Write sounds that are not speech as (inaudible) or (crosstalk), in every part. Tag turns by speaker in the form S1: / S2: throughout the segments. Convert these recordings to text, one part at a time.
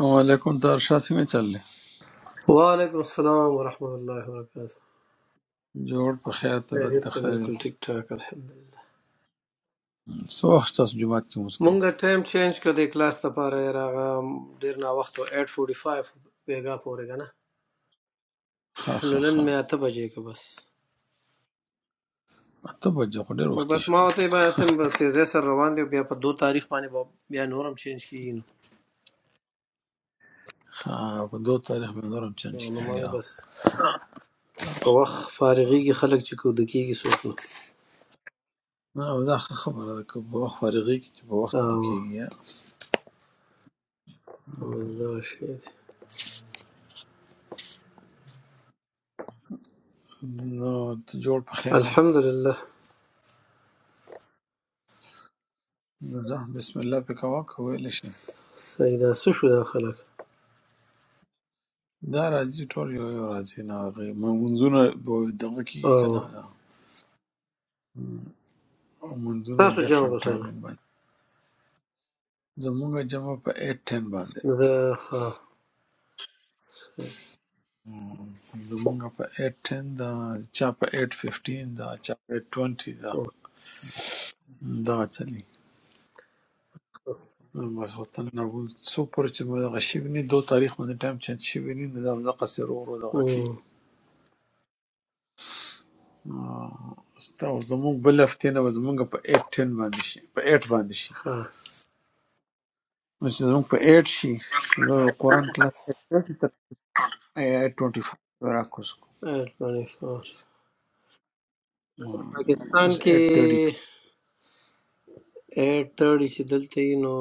S1: وعلیکم ترشا سے میں چل لیں
S2: وعلیکم السلام ورحمۃ اللہ وبرکاتہ
S1: جوڑ پہ خیر طبیعت ته
S2: خیریت دی
S1: خیر
S2: بالکل ٹھیک ٹھاک الحمدلله
S1: څو وخت تاسو جمعات کې مسکی
S2: مونږه ټایم چینج کړ د کلاس لپاره راغه ډیر نا وخت 8:45 بیګا پورې کنه
S1: ها
S2: نو
S1: ها
S2: نن
S1: ها
S2: مې اته بجې کې بس
S1: اته بجې خو ډېر
S2: نو
S1: وخت
S2: بس
S1: شو
S2: ما ته به استم بس تیزه سره روان دی بیا په دو تاریخ باندې به بیا نورم چینج کیږي
S1: ها په دوه تاریخ باندې نورم چانس
S2: نو نو
S1: کېږي
S2: ما
S1: ها.
S2: بس په وخت فارغي کې خلک چې کو د کیږي سوچ نو
S1: نه او دا ښه خبره ده که په وخت فارغي کې چې په وخت د
S2: او
S1: کېږي ها.
S2: او دا شی دی
S1: نو ته جوړ په خیر یې.
S2: الحمدلله
S1: نو ځه بسم الله په کوا کویل شي
S2: سیدا سشو دا خلک
S1: دا راځي ټول یو یو راځي نه هغه منځونه به دغه
S2: او
S1: کېږي کنه دا منځونه
S2: تاسو جام
S1: ډیفرنٹ
S2: بسو ده
S1: ټایمینګ باندې زمونږ جمع په 8 10 باندې
S2: The ہاں صحیح۔
S1: زمونږ په ایټ ټین ده چا په ایټ ففټین ده چا په ایټ ټوینټي ده
S2: اوکے۔
S1: دا چلی بس وطن نه ول څو پورې چې موږ دغه شوي نه دو تاریخ باندې ټایم چینج شوي نه نو دا دغه سر ورو دغه
S2: ہوں،
S1: کېږي ستا زمونږ بل هفتې نه به زمونږ په ایټ ټین باندې شي په ایټ باندې شي
S2: ہاں،
S1: نو چې زمونږ په ایټ شي نو بیا به قرآن کلاس ایټ ټوینټي تر ایټ ټوینټي فایو راکوز کو
S2: 8:24 پاکستان
S1: اوس
S2: کې
S1: ایټ تھرٹی
S2: 8:30 چې دلته یې نو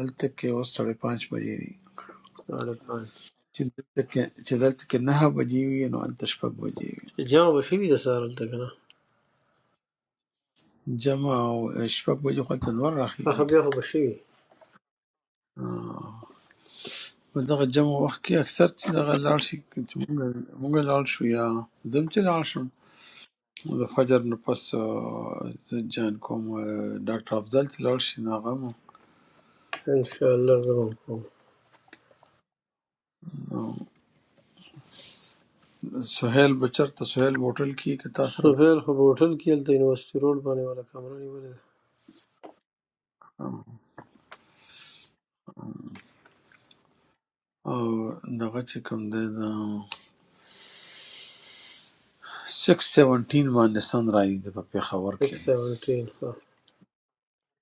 S1: هلته کې اوس ساڑھے پانچ بجې دي
S2: ساڑھے پانچ
S1: چې دلته کې چې دلته کې نهه بجې وي نو هلته شپږ بجې وي
S2: جمع به شوي د سهار هلته که نه
S1: جمع او شپږ بجې خو هلته نور
S2: هغه
S1: راخېږي
S2: بیا خو به شوي
S1: آه. په دغه جمع وخت کې اکثر چې دغه لاړ شي که چې مونږ مونږ لاړ شو یا زم چې لاړ شم نو د فجر نه پس آه، زه جان کوم آه، ډاکټر افضل چې لاړ شي نو هغه مو
S2: انشاءالله زه به هم کوم
S1: آه، سهیل به چېرته سهیل هوټل کې که تا سره
S2: سفیر خو په هوټل کې هلته یونیورسټي روډ باندې والا کمره نیولې ده
S1: او دغه چې کوم دی د سکس سیونټین باندې سن راځي د په پېښور کې
S2: سکس سیونټین ها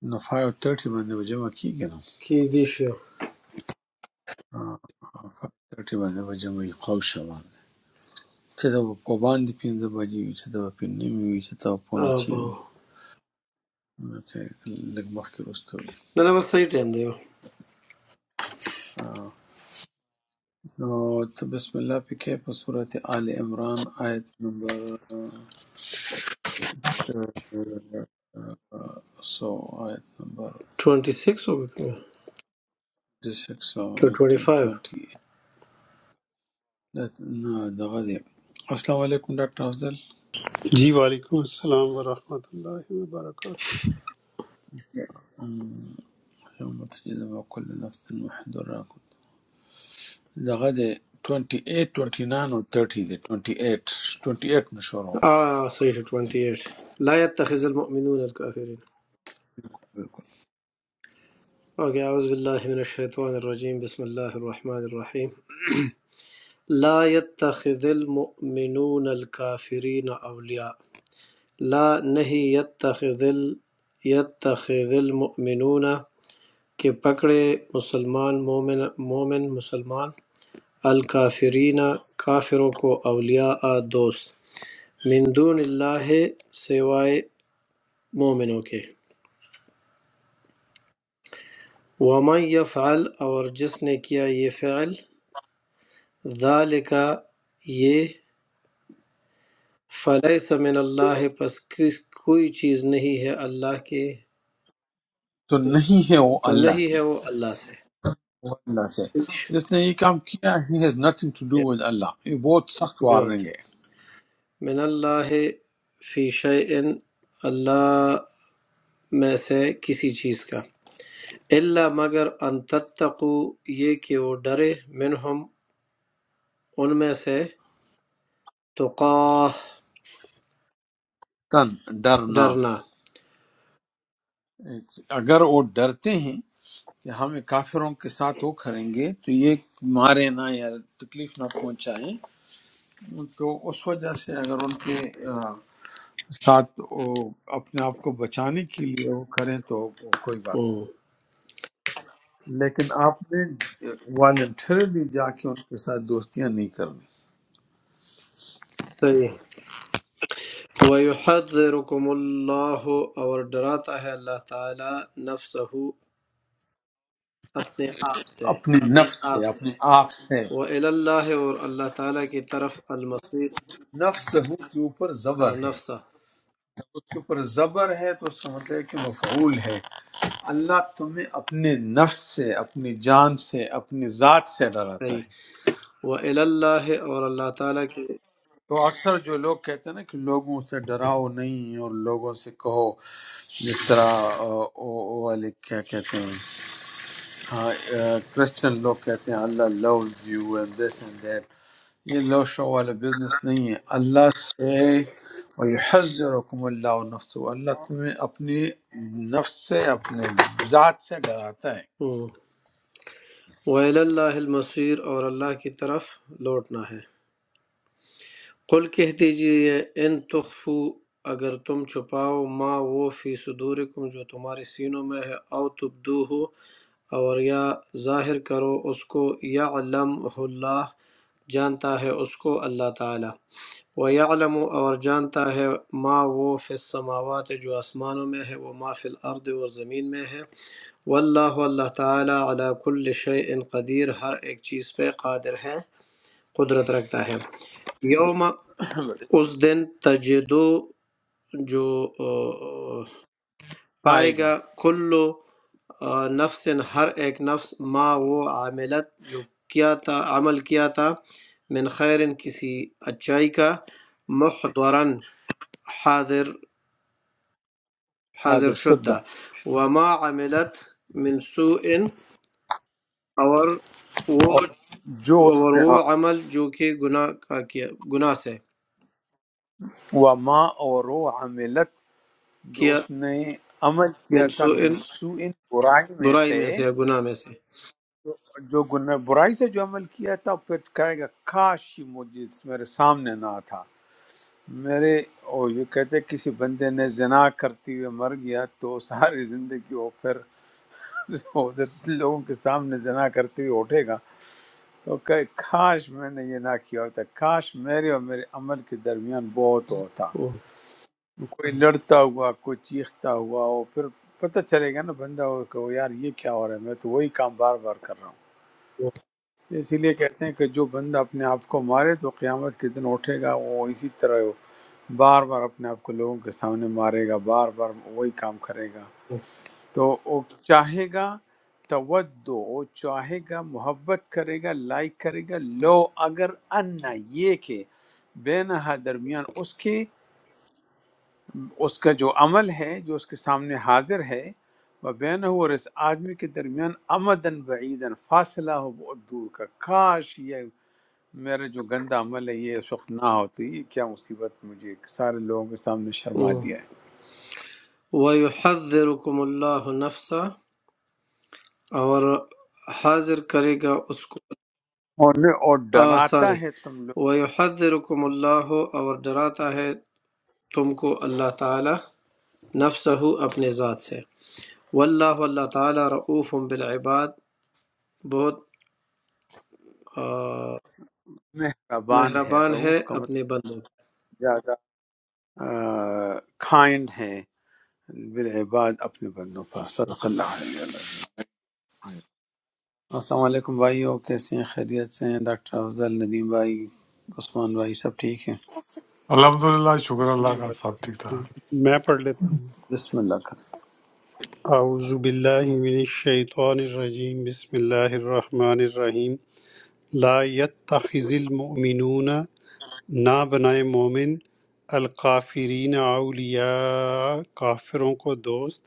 S1: نو 530 باندې به جمع کیږي نو
S2: کیدی شو
S1: آه، 530 باندې به جمع وي قوس شوال چې دا په باندې پینځه بجې وي چې دا په نیمې وي چې دا په نه چی
S2: ابا
S1: وي نو چې لږ مخکې وروسته وي
S2: نه نه بس صحیح ټایم دی
S1: آه، نو ته بسم الله پکې په سورة آل عمران آیت نمبر سو آیت نمبر
S2: 26 وګورم که 25
S1: 2628 دغه دی السلام علیکم ډاکټر افضل
S3: جی وعلیکم السلام ورحمۃ اللہ وبرکاتہ
S1: وَكُلُّ نَفْسٍ مُحْضَرَةٌ دغه دی 28 29 اور 30 دی 28 28 میں شروع ہوگا
S2: آه صحيح 28 لا يتخذ المؤمنون الكافرين
S1: بالکل
S2: اوكي اعوذ بالله من الشيطان الرجيم بسم الله الرحمن الرحيم لا يتخذ المؤمنون الكافرين اولياء لا نہیں يتخذ ال يتخذ المؤمنون کہ پکڑے مسلمان مومن مومن مسلمان الکافرین کافروں کو اولیاء دوست من دون اللہ سوائے مومنوں کے وَمَنْ يَفْعَلْ اور جس نے کیا یہ فعل ذَلِكَ یہ فَلَيْسَ مِنَ اللَّهِ پس کس کوئی چیز نہیں ہے اللہ کے
S1: تو نہیں ہے وہ
S2: تو
S1: اللہ
S2: نہیں
S1: سے
S2: ہے وہ اللہ سے
S1: وہ اللہ سے
S2: کچھ
S1: جس نے یہ کام کیا ہی has nothing to do with اللہ یہ بہت سخت
S2: بہت
S1: وارننگ ہے
S2: من اللہ فی شیئن اللہ میں سے کسی چیز کا اللہ مگر ان تتقو یہ کہ وہ ڈرے منہم ان میں سے تقاہ
S1: تن ڈرنا
S2: ڈرنا
S1: اگر وہ ڈرتے ہیں کہ ہم کافروں کے ساتھ وہ کریں گے تو یہ مارے نہ یا تکلیف نہ پہنچائیں تو اس وجہ سے اگر ان کے آ، ساتھ وہ اپنے آپ کو بچانے کے لیے وہ کریں تو وہ کوئی بات
S2: ہوں،
S1: لیکن آپ نے والنٹرلی جا کے ان کے ساتھ دوستیاں نہیں کرنی
S2: صحیح وَيُحَذِّرُكُمُ اللَّهُ اور ڈراتا ہے اللہ تعالیٰ نفسہ اپنے آپ سے
S1: اپنے
S2: اپنے
S1: نفس
S2: آپ
S1: سے
S2: سے
S1: اپنے آپ سے
S2: وَإِلَى اللَّهِ اور اللہ تعالیٰ کی طرف المصیر
S1: نفس ہو کے اوپر زبر
S2: اور
S1: ہے
S2: نفسہ
S1: اس کے اوپر زبر ہے تو اس کا مطلب ہے کہ مفعول ہے اللہ تمہیں اپنے نفس سے اپنی جان سے اپنی ذات سے ڈراتا
S2: صحیح
S1: ہے
S2: وَإِلَى اللَّهِ اور اللہ تعالیٰ کی
S1: تو اکثر جو لوگ کہتے ہیں نا کہ لوگوں سے ڈراؤ نہیں اور لوگوں سے کہو جس طرح آ، او او والے کیا کہتے ہیں ہاں کرسچن لوگ کہتے ہیں اللہ loves you and this and that یہ لو شو والا بزنس نہیں ہے اللہ سے وَيُحَذِّرُكُمُ اللَّهُ نَفْسُ اللہ تمہیں اپنی نفس سے اپنے ذات سے ڈراتا
S2: ہوں۔ وَإِلَى اللَّهِ المصیر اور اللہ کی طرف لوٹنا ہے قل کہہ دیجئے ان تخفو اگر تم چھپاؤ ما وہ فی صدورکم جو تمہارے سینوں میں ہے او تبدو ہو، اور یا ظاہر کرو اس کو یعلمہ اللہ جانتا ہے اس کو اللہ تعالیٰ وَيَعْلَمُ اور جانتا ہے ما وہ فی السماوات جو آسمانوں میں ہے وہ ما فی الارض اور زمین میں ہے واللہ اللہ تعالیٰ علی کل شیء قدیر ہر ایک چیز پہ قادر ہے قدرت رکھتا ہے یوم
S1: ہے
S2: اس دن تجدو جو
S1: (laughs)
S2: پائے
S1: پائے گا
S2: گا کل نفس ہر ایک نفس ما وہ عاملت جو کیا تھا عمل کیا تھا من خیر کسی اچائی کا محضرن حاضر حاضر
S1: حاضر شدہ
S2: شدہ وما عملت من سوء اور وہ
S1: اور جو اس
S2: اور
S1: نے
S2: وہ
S1: ہاں،
S2: عمل جو کہ گناہ کا کیا گناہ سے
S1: وما اور وہ جو
S2: کیا
S1: اس نے عمل کیا
S2: من
S1: تھا
S2: سوء
S1: من سوء برائی میں
S2: برائی
S1: سے
S2: میں سے یا گناہ میں سے
S1: جو گناہ برائی سے جو عمل کیا تھا پھر کہے گا کاش یہ مجھے اس میرے سامنے نہ تھا میرے اور یہ کہتے ہیں کسی بندے نے زنا کرتے ہوئے مر گیا تو ساری زندگی وہ پھر ادھر سے لوگوں کے سامنے زنا کرتے ہوئے اٹھے گا تو کہ کاش میں نے یہ نہ کیا ہوتا کاش میرے اور میرے عمل کے درمیان بہت ہوتا کوئی لڑتا ہوا کوئی چیختا ہوا اور پھر پتہ چلے گا نا بندہ ہو کہ وہ یار یہ کیا ہو رہا ہے میں تو وہی کام بار بار کر رہا ہوں اسی لیے کہتے ہیں کہ جو بندہ اپنے آپ کو مارے تو قیامت کے دن اٹھے گا وہ اسی طرح وہ بار بار اپنے آپ کو لوگوں کے سامنے مارے گا بار بار وہی کام کرے گا تو وہ چاہے گا تودو وہ چاہے گا محبت کرے گا لائک کرے گا لو اگر انا یہ کہ بینہا درمیان اس کے اس کا جو عمل ہے جو اس کے سامنے حاضر ہے وہ بین ہو اور اس آدمی کے درمیان امدن بعیدن فاصلہ ہو بہت دور کا کاش یہ میرا جو گندا عمل ہے یہ اس وقت نہ ہوتی یہ کیا مصیبت مجھے سارے لوگوں کے سامنے شرما دیا ہے
S2: وَيُحَذِّرُكُمُ اللَّهُ نَفْسَهُ اور حاضر کرے گا اس کو
S1: اور نے- اور
S2: سوری
S1: ڈراتا ہے تم لوگ
S2: وَيُحَذِّرُكُمُ اللَّهُ اور ڈراتا ہے تم کو اللہ تعالی نفسہو اپنے ذات سے واللہ اللہ تعالی رعوف بالعباد بہت آ،
S1: مہربان ہے
S2: مہربان ہے
S1: رعوف کا
S2: اپنے
S1: مطلب
S2: بندوں
S1: زیادہ کائنڈ ہے بالعباد اپنے بندوں پر صدق
S2: پر۔
S1: اللہ علیہ وسلم السلام علیکم بھائیو کیسے ہیں خیریت سے ہیں ڈاکٹر افضل ندیم بھائی عثمان بھائی سب ٹھیک ہیں
S4: الحمد للہ شکر اللہ
S3: جی
S4: کا سب
S3: وعلیکم
S4: ٹھیک ٹھاک
S3: السلام میں پڑھ لیتا ہوں
S1: بسم اللہ
S3: اعوذ باللہ من الشیطان الرجیم بسم اللہ الرحمن الرحیم لا يتخذ المؤمنون نہ بنائے مومن القافرین اولیاء کافروں کو دوست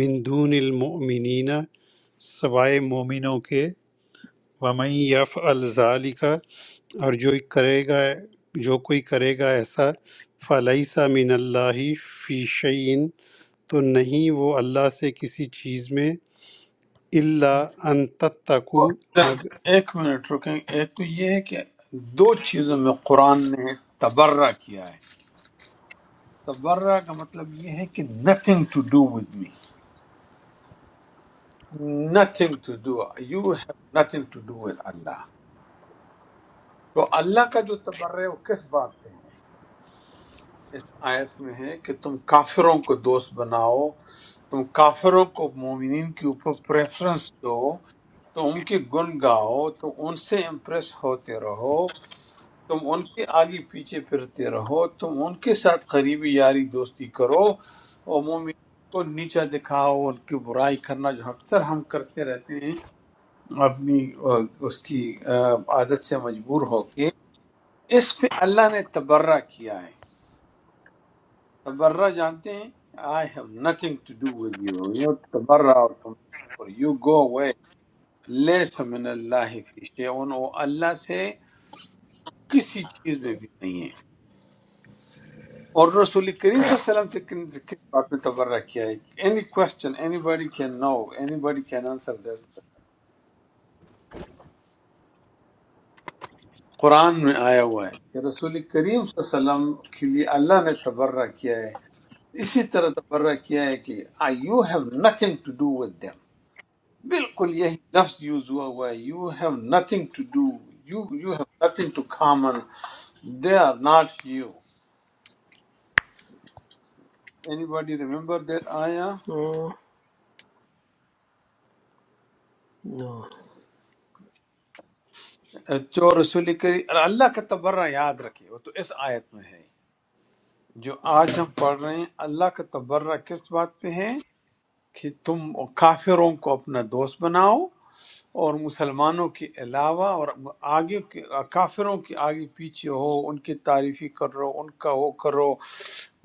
S3: من دون المؤمنین سوائے مومنوں کے وَمَن يَفْعَلْ ذَلِكَ اور جو کرے گا جو کوئی کرے گا ایسا فَلَيْسَ مِنَ اللَّهِ فِي شَيْءٍ تو نہیں وہ اللہ سے کسی چیز میں اللہ ان تتقو
S1: کر
S3: مگ
S1: ایک منٹ رکیں ایک تو یہ ہے کہ دو چیزوں میں قرآن نے تبرہ کیا ہے تبرہ کا مطلب یہ ہے کہ nothing to do with me nothing to do you have nothing to do with اللہ تو اللہ کا جو تبرہ ہے وہ کس بات پہ ہے اس آیت میں ہے کہ تم کافروں کو دوست بناؤ تم کافروں کو مومنین کے اوپر پریفرنس دو تم ان کے گن گاؤ تم ان سے امپریس ہوتے رہو تم ان کے آگے پیچھے پھرتے رہو تم ان کے ساتھ قریبی یاری دوستی کرو اور مومنین کو نیچا دکھاؤ ان کی برائی کرنا جو اکثر ہم کرتے رہتے ہیں اپنی آ، اس کی آ، عادت سے مجبور ہو کے اس پہ اللہ نے تبرہ کیا ہے تبرہ جانتے ہیں I have nothing to do with you you know تبرہ اور تم اور you go away لیس من اللہ فی شیعون وہ اللہ سے کسی چیز میں بھی نہیں ہے اور رسول کریم صلی اللہ علیہ وسلم سے کن سے کس بات میں تبرہ کیا ہے any question anybody can know anybody can answer this question. قرآن میں آیا ہوا ہے کہ رسول کریم صلی اللہ علیہ وسلم کے لیے اللہ نے تبرہ کیا ہے اسی طرح تبرہ کیا ہے کہ you have nothing to do with them بالکل یہی لفظ یوز ہوا ہوا ہے you have nothing to do you you have nothing to common they are not you anybody remember that آیا
S2: ہوں، نو۔
S1: جو رسول کری اور اللہ کا تبرہ یاد رکھے وہ تو اس آیت میں ہے جو آج ہم پڑھ رہے ہیں اللہ کا تبرہ کس بات پہ ہے کہ تم کافروں کو اپنا دوست بناؤ اور مسلمانوں کے علاوہ اور آگے کے- کافروں کے آگے پیچھے ہو ان کی تعریفی کرو ان کا وہ کرو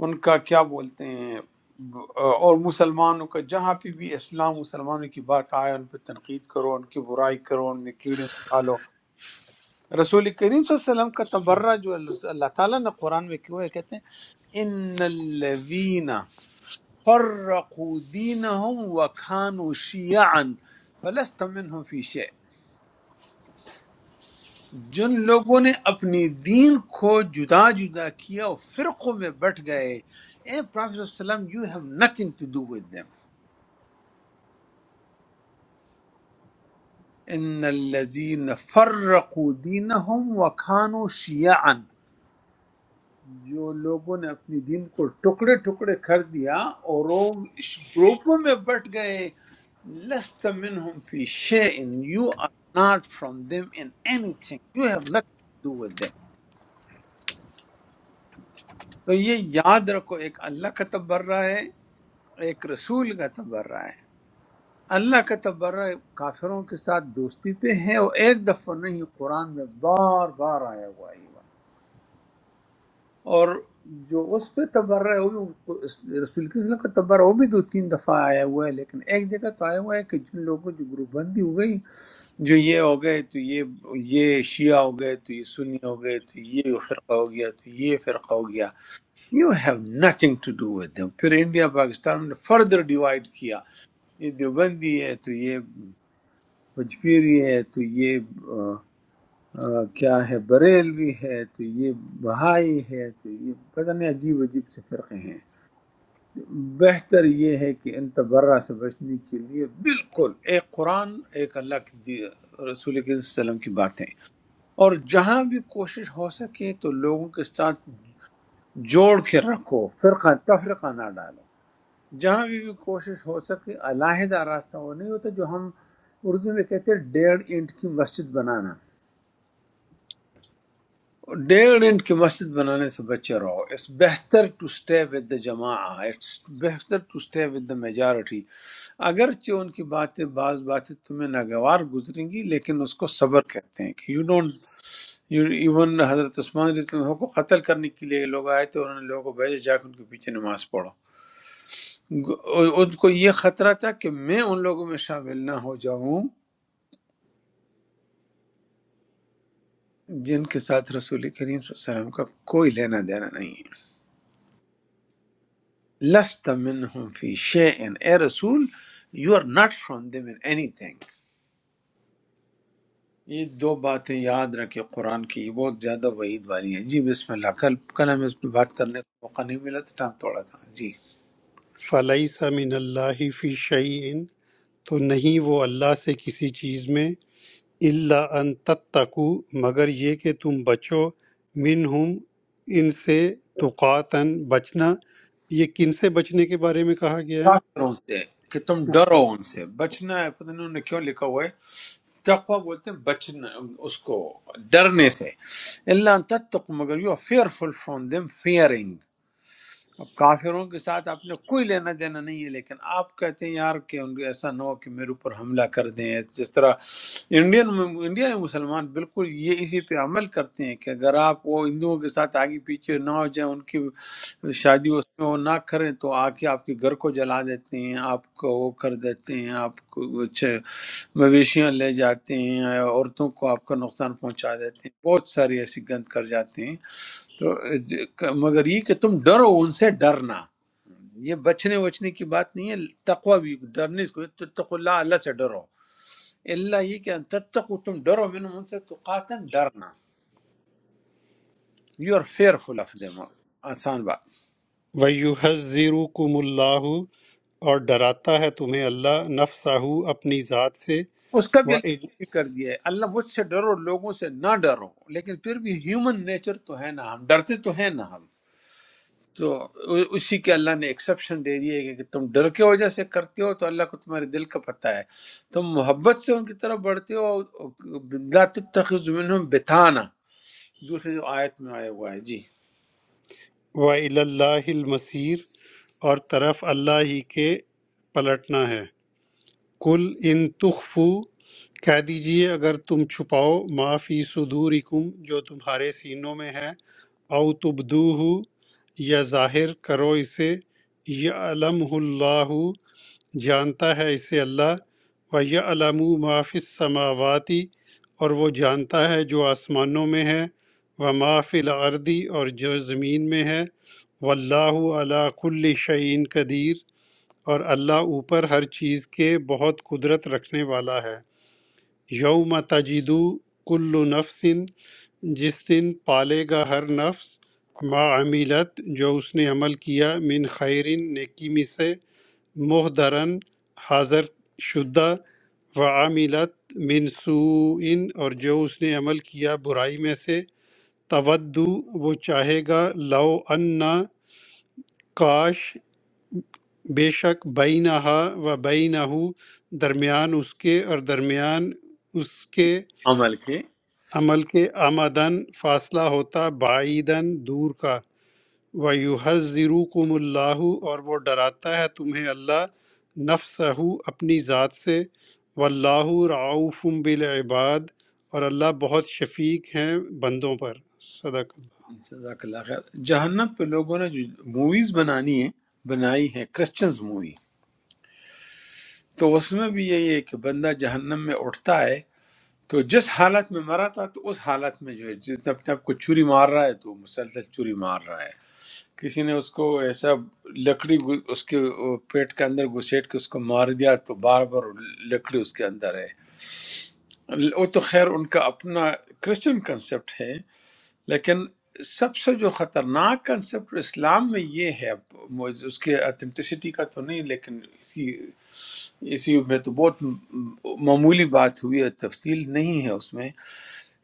S1: ان کا کیا بولتے ہیں اور مسلمانوں کا جہاں پہ بھی اسلام مسلمانوں کی بات آئے ان پہ تنقید کرو ان کی برائی کرو ان میں کیڑے نکالو رسول کریم صلی اللہ علیہ وسلم کا تبرہ جو اللہ تعالیٰ نے قرآن میں کیوں ہے کہتے ہیں ان الذین فرقوا دینہم وکانوا شیعا فلست منہم فی شیء جن لوگوں نے اپنی دین کو جدا جدا کیا اور فرقوں میں بٹ گئے اے پرافیسر وسلم you have nothing to do with them ان الذین فرقوا دینہم وکانوا شیعا جو لوگوں نے اپنی دین کو ٹکڑے ٹکڑے کر دیا اور وہ اس گروپوں میں بٹ گئے لست منہم فی شیئن you are not from them in anything you have nothing to do with them تو یہ یاد رکھو ایک اللہ کا تبرہ ہے ایک رسول کا تبرہ ہے اللہ کا تبرہ کافروں کے ساتھ دوستی پہ ہے اور ایک دفعہ نہیں قرآن میں بار بار آیا ہوا ہے یہ بات اور جو اس پہ تبرہ ہے وہ بھی اس- رسول کے وسلم کا تبرہ وہ بھی دو تین دفعہ آیا ہوا ہے لیکن ایک جگہ تو آیا ہوا ہے کہ جن لوگوں کی گروپ بندی ہو گئی جو یہ ہو گئے تو یہ یہ شیعہ ہو گئے تو یہ سنی ہو گئے تو یہ فرقہ ہو گیا تو یہ فرقہ ہو گیا you have nothing to do with them پھر انڈیا پاکستان نے فردر ڈیوائڈ کیا یہ دیوبندی ہے تو یہ پجپیری ہے تو یہ آ، آ، کیا ہے بریلوی ہے تو یہ بہائی ہے تو یہ پتہ نہیں عجیب عجیب سے فرقے ہیں بہتر یہ ہے کہ ان تبرہ سے بچنے کے لیے بالکل ایک قرآن ایک اللہ کی دی- رسول کے وسلم کی باتیں اور جہاں بھی کوشش ہو سکے تو لوگوں کے ساتھ جوڑ کے رکھو فرقہ تفرقہ نہ ڈالو جہاں بھی, بھی کوشش ہو سکے علیحدہ راستہ وہ نہیں ہوتا جو ہم اردو میں کہتے ہیں ڈیڑھ اینٹ کی مسجد بنانا ڈیڑھ اینٹ کی مسجد بنانے سے بچے رہو it's better to stay with the جماع it's better to stay with the majority اگرچہ ان کی باتیں بعض باتیں تمہیں ناگوار گزریں گی لیکن اس کو صبر کہتے ہیں کہ یو ڈونٹ ایون حضرت عثمان رضی اللہ عنہ کو قتل کرنے کے لیے لوگ آئے تھے اور انہوں نے لوگوں کو بھیجا جا کے ان کے پیچھے نماز پڑھو گ- ان کو یہ خطرہ تھا کہ میں ان لوگوں میں شامل نہ ہو جاؤں جن کے ساتھ رسول کریم صلی اللہ علیہ وسلم کا کوئی لینا دینا نہیں ہے لست منہم فی شیئن اے رسول you are not from them in anything یہ دو باتیں یاد رکھیں قرآن کی یہ بہت زیادہ وعید والی ہیں جی بسم اللہ کل کل ہمیں اس پہ بات کرنے کا موقع نہیں ملا تو ٹائم تھوڑا تھا جی
S3: فلیس من اللہ فی شعین تو نہیں وہ اللہ سے کسی چیز میں اللہ ان تتقو مگر یہ کہ تم بچو من ہم ان سے تقاتن بچنا یہ کن سے بچنے کے بارے میں کہا گیا ہے
S1: کافروں سے کہ تم
S3: اچھا
S1: ڈرو ان سے بچنا ہے پتہ نہیں انہوں نے کیوں لکھا ہوا ہے تقوی بولتے ہیں بچنا اس کو ڈرنے سے اللہ ان تتقوا مگر you fearful from them fearing اب کافروں کے ساتھ آپ نے کوئی لینا دینا نہیں ہے لیکن آپ کہتے ہیں یار کہ ان کو ایسا نہ ہو کہ میرے اوپر حملہ کر دیں جس طرح انڈین انڈیا میں مسلمان بالکل یہ اسی پہ عمل کرتے ہیں کہ اگر آپ وہ ہندوؤں کے ساتھ آگے پیچھے نہ ہو جائیں ان کی شادی اس میں وہ نہ کریں تو آ کے آپ کے گھر کو جلا دیتے ہیں آپ کو وہ کر دیتے ہیں آپ کو اچھے مویشیاں لے جاتے ہیں عورتوں کو آپ کا نقصان پہنچا دیتے ہیں بہت ساری ایسی گند کر جاتے ہیں تو ج- مگر یہ کہ تم ڈرو ان سے ڈرنا یہ بچنے وچنے کی بات نہیں ہے تقوی بھی ڈرنے کو تتقوا اللہ اللہ سے ڈرو اللہ یہ کہ ان تتقوا تم ڈرو من ان سے تقاتن ڈرنا you are fearful of them آسان بات
S3: وَيُحَذِّرُكُمُ اللَّهُ اور ڈراتا ہے تمہیں اللہ نفسہ اپنی ذات سے
S1: اس کا بھی
S3: وَإِلَى
S1: اللہ نے کر دیا ہے اللہ مجھ سے ڈرو لوگوں سے نہ ڈرو لیکن پھر بھی ہیومن نیچر تو ہے نا ہم ڈرتے تو ہیں نا ہم تو اسی کے اللہ نے ایکسیپشن دے دی ہے کہ تم ڈر کے وجہ سے کرتے ہو تو اللہ کو تمہارے دل کا پتہ ہے تم محبت سے ان کی طرف بڑھتے ہو لا تتخذ منہم بتانا دوسری جو آیت میں آیا ہوا ہے جی
S3: اللَّهِ الْمَصِيرُ اور طرف اللہ ہی کے پلٹنا ہے کل ان تخفو کہہ دیجئے اگر تم چھپاؤ ما فی صدورکم جو تمہارے سینوں میں ہے او تبدوہ یا ظاہر کرو اسے یعلمہ اللہ جانتا ہے اسے اللہ وَيَعْلَمُ مَا فِي السَّمَاوَاتِ اور وہ جانتا ہے جو آسمانوں میں ہے وَمَا فِي الْأَرْضِ اور جو زمین میں ہے وَاللَّهُ عَلَى كُلِّ شَيْءٍ قدیر اور اللہ اوپر ہر چیز کے بہت قدرت رکھنے والا ہے یوم تجدو کل نفس جس دن پالے گا ہر نفس ما عمیلت جو اس نے عمل کیا من خیر نیکی میں سے محدرن حاضر شدہ وعاملت من سوء اور جو اس نے عمل کیا برائی میں سے تودو وہ چاہے گا لو انا کاش بے شک بینہا و بینہو درمیان اس کے اور درمیان اس کے
S1: عمل کے
S3: عمل کے آمدن فاصلہ ہوتا بعیدن دور کا وَيُحَذِّرُكُمُ اللَّهُ اور وہ ڈراتا ہے تمہیں اللہ نفسہ اپنی ذات سے واللہ رعوف بالعباد اور اللہ بہت شفیق ہیں بندوں پر صدق اللہ
S1: جزاک اللہ خیر جہنم پہ لوگوں نے جو موویز بنانی ہیں بنائی ہیں کرسچنز مووی تو اس میں بھی یہی ہے کہ بندہ جہنم میں اٹھتا ہے تو جس حالت میں مرا تھا تو اس حالت میں جو ہے جس نے اپنے آپ کو چوری مار رہا ہے تو وہ مسلسل چوری مار رہا ہے کسی نے اس کو ایسا لکڑی گو- اس کے وہ پیٹ کے اندر گھسیٹ کے اس کو مار دیا تو بار بار وہ لکڑی اس کے اندر ہے ل- وہ تو خیر ان کا اپنا کرسچن کنسپٹ ہے لیکن سب سے جو خطرناک کنسپٹ اسلام میں یہ ہے مجھ- اس کے اتھینٹسٹی کا تو نہیں لیکن اسی اسی میں تو بہت م- معمولی بات ہوئی ہے تفصیل نہیں ہے اس میں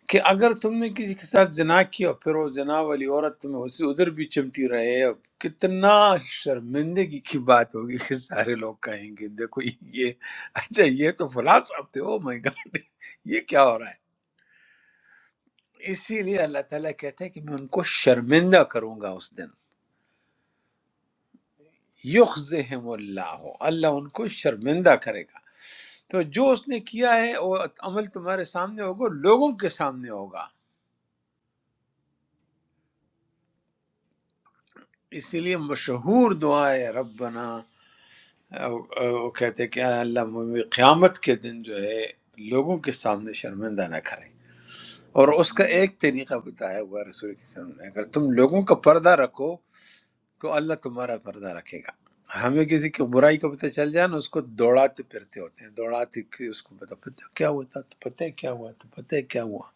S1: کہ اگر تم نے کسی کے ساتھ زنا کیا اور پھر وہ زنا والی عورت تمہیں اسے ادھر بھی چمٹی رہے اور کتنا شرمندگی کی بات ہوگی کہ سارے لوگ کہیں گے دیکھو یہ اچھا یہ تو فلاں صاحب تھے او مائی گاڈ یہ کیا ہو رہا ہے اسی لیے اللہ تعالیٰ کہتا ہے کہ میں ان کو شرمندہ کروں گا اس دن یخزہم اللہ اللہ ان کو شرمندہ کرے گا تو جو اس نے کیا ہے وہ عمل تمہارے سامنے ہوگا لوگوں کے سامنے ہوگا اسی لیے مشہور دعا ہے ربنا وہ کہتے ہیں کہ اے اللہ ہمیں قیامت کے دن جو ہے لوگوں کے سامنے شرمندہ نہ کریں اور اس کا ایک طریقہ بتایا ہوا ہے رسول کے وسلم نے اگر تم لوگوں کا پردہ رکھو تو اللہ تمہارا پردہ رکھے گا ہمیں کسی کی برائی کا پتہ چل جائے نا اس کو دوڑاتے پھرتے ہوتے ہیں دوڑاتے کہ اس کو پتہ پتہ کیا ہوا تھا تو پتہ ہے کیا ہوا تو پتہ ہے کیا ہوا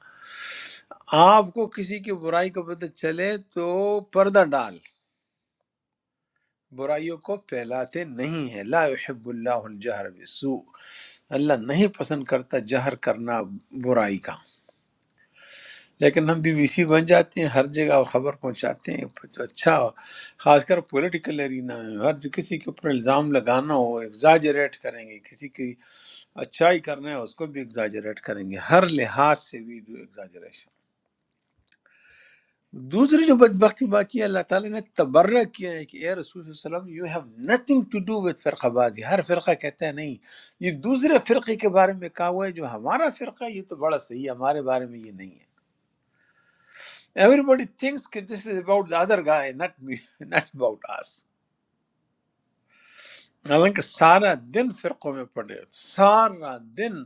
S1: آپ کو کسی کی برائی کا پتہ چلے تو پردہ ڈال برائیوں کو پھیلاتے نہیں ہیں لا یحب اللہ الجہر بالسوء اللہ نہیں پسند کرتا جہر کرنا برائی کا لیکن ہم بی بی سی بن جاتے ہیں ہر جگہ وہ خبر پہنچاتے ہیں تو اچھا خاص کر پولیٹیکل ایرینا میں ہر جو کسی کے اوپر الزام لگانا ہو ایگزاجریٹ کریں گے کسی کی اچھائی کرنا ہے اس کو بھی ایگزاجریٹ کریں گے ہر لحاظ سے وی ڈو دوسری جو بدبختی بات یہ ہے، اللہ تعالیٰ نے تبرہ کیا ہے کہ اے رسول صلی اللہ علیہ وسلم you have nothing to do with فرقہ بازی ہر فرقہ کہتا ہے نہیں یہ دوسرے فرقے کے بارے میں کہا ہوا ہے جو ہمارا فرقہ ہے یہ تو بڑا صحیح ہے ہمارے بارے میں یہ نہیں ہے ایوری بڈی تھنکس کہ this is about the other guy not me (laughs) not about us حالانکہ سارا دن فرقوں میں پڑے ہوئے، سارا دن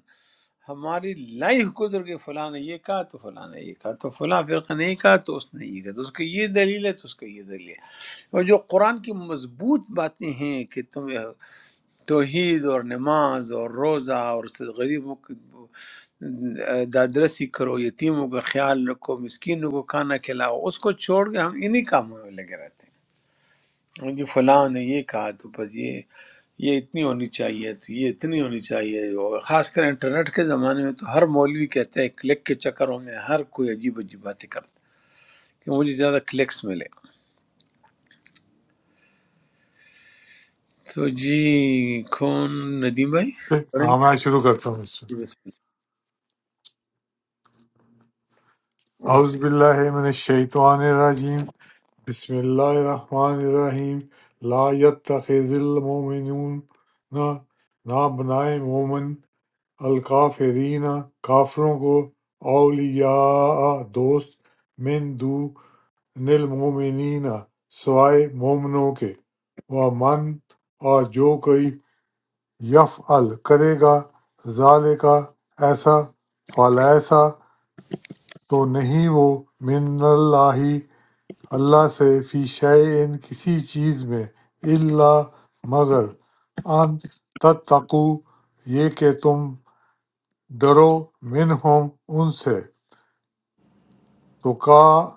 S1: ہماری لائف گزر گئی فلاں نے یہ کہا تو فلاں نے یہ کہا تو فلاں فرقہ نے یہ کہا تو اس نے یہ کہا تو اس کی یہ دلیل ہے تو اس کا یہ دلیل ہے اور جو قرآن کی مضبوط باتیں ہیں کہ تم توحید اور نماز اور روزہ اور غریبوں کی دادرسی کرو یتیموں کا خیال رکھو مسکینوں کو کھانا کھلاؤ اس کو چھوڑ کے ہم انہی کاموں میں لگے رہتے ہیں جی فلاں نے یہ کہا تو بس یہ یہ اتنی ہونی چاہیے تو یہ اتنی ہونی چاہیے اور خاص کر انٹرنیٹ کے زمانے میں تو ہر مولوی کہتا ہے کلک کے چکروں میں ہر کوئی عجیب عجیب باتیں کرتا ہے کہ مجھے زیادہ کلکس ملے تو جی کون ندیم بھائی پڑھیں گے؟
S4: ہاں میں شروع کرتا ہوں اس سے
S1: جی، بسم
S4: اعوذ باللہ من الشیطان الرجیم بسم اللہ الرحمن الرحیم لا يتخذ المؤمنون نہ نہ بنائے مومن الکافرین کافروں کو اولیاء دوست من دون المؤمنین سوائے مومنوں کے ومن اور جو کوئی یفعل کرے گا ذالکا ایسا فلیسا تو نہیں وہ من اللہ اللہ سے فی شیئن کسی چیز میں الا مگر ان تتقو یہ کہ تم ڈرو منہم ان سے تقا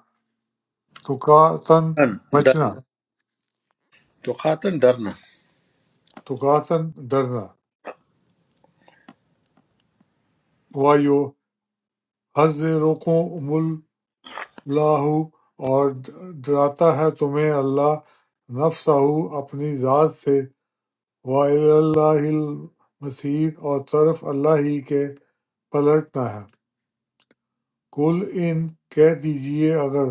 S4: تقاتن
S1: اللہ ڈر ڈر-
S4: بچنا
S1: تو خاتن ڈرنا
S4: تقاتن ڈرنا وایو حضرکم اللہ ہو اور ڈراتا ہے تمہیں اللہ نفسہ اپنی ذات سے وَإِلَى المسیر اور طرف اللہ ہی کے پلٹنا ہے کل ان کہہ دیجئے اگر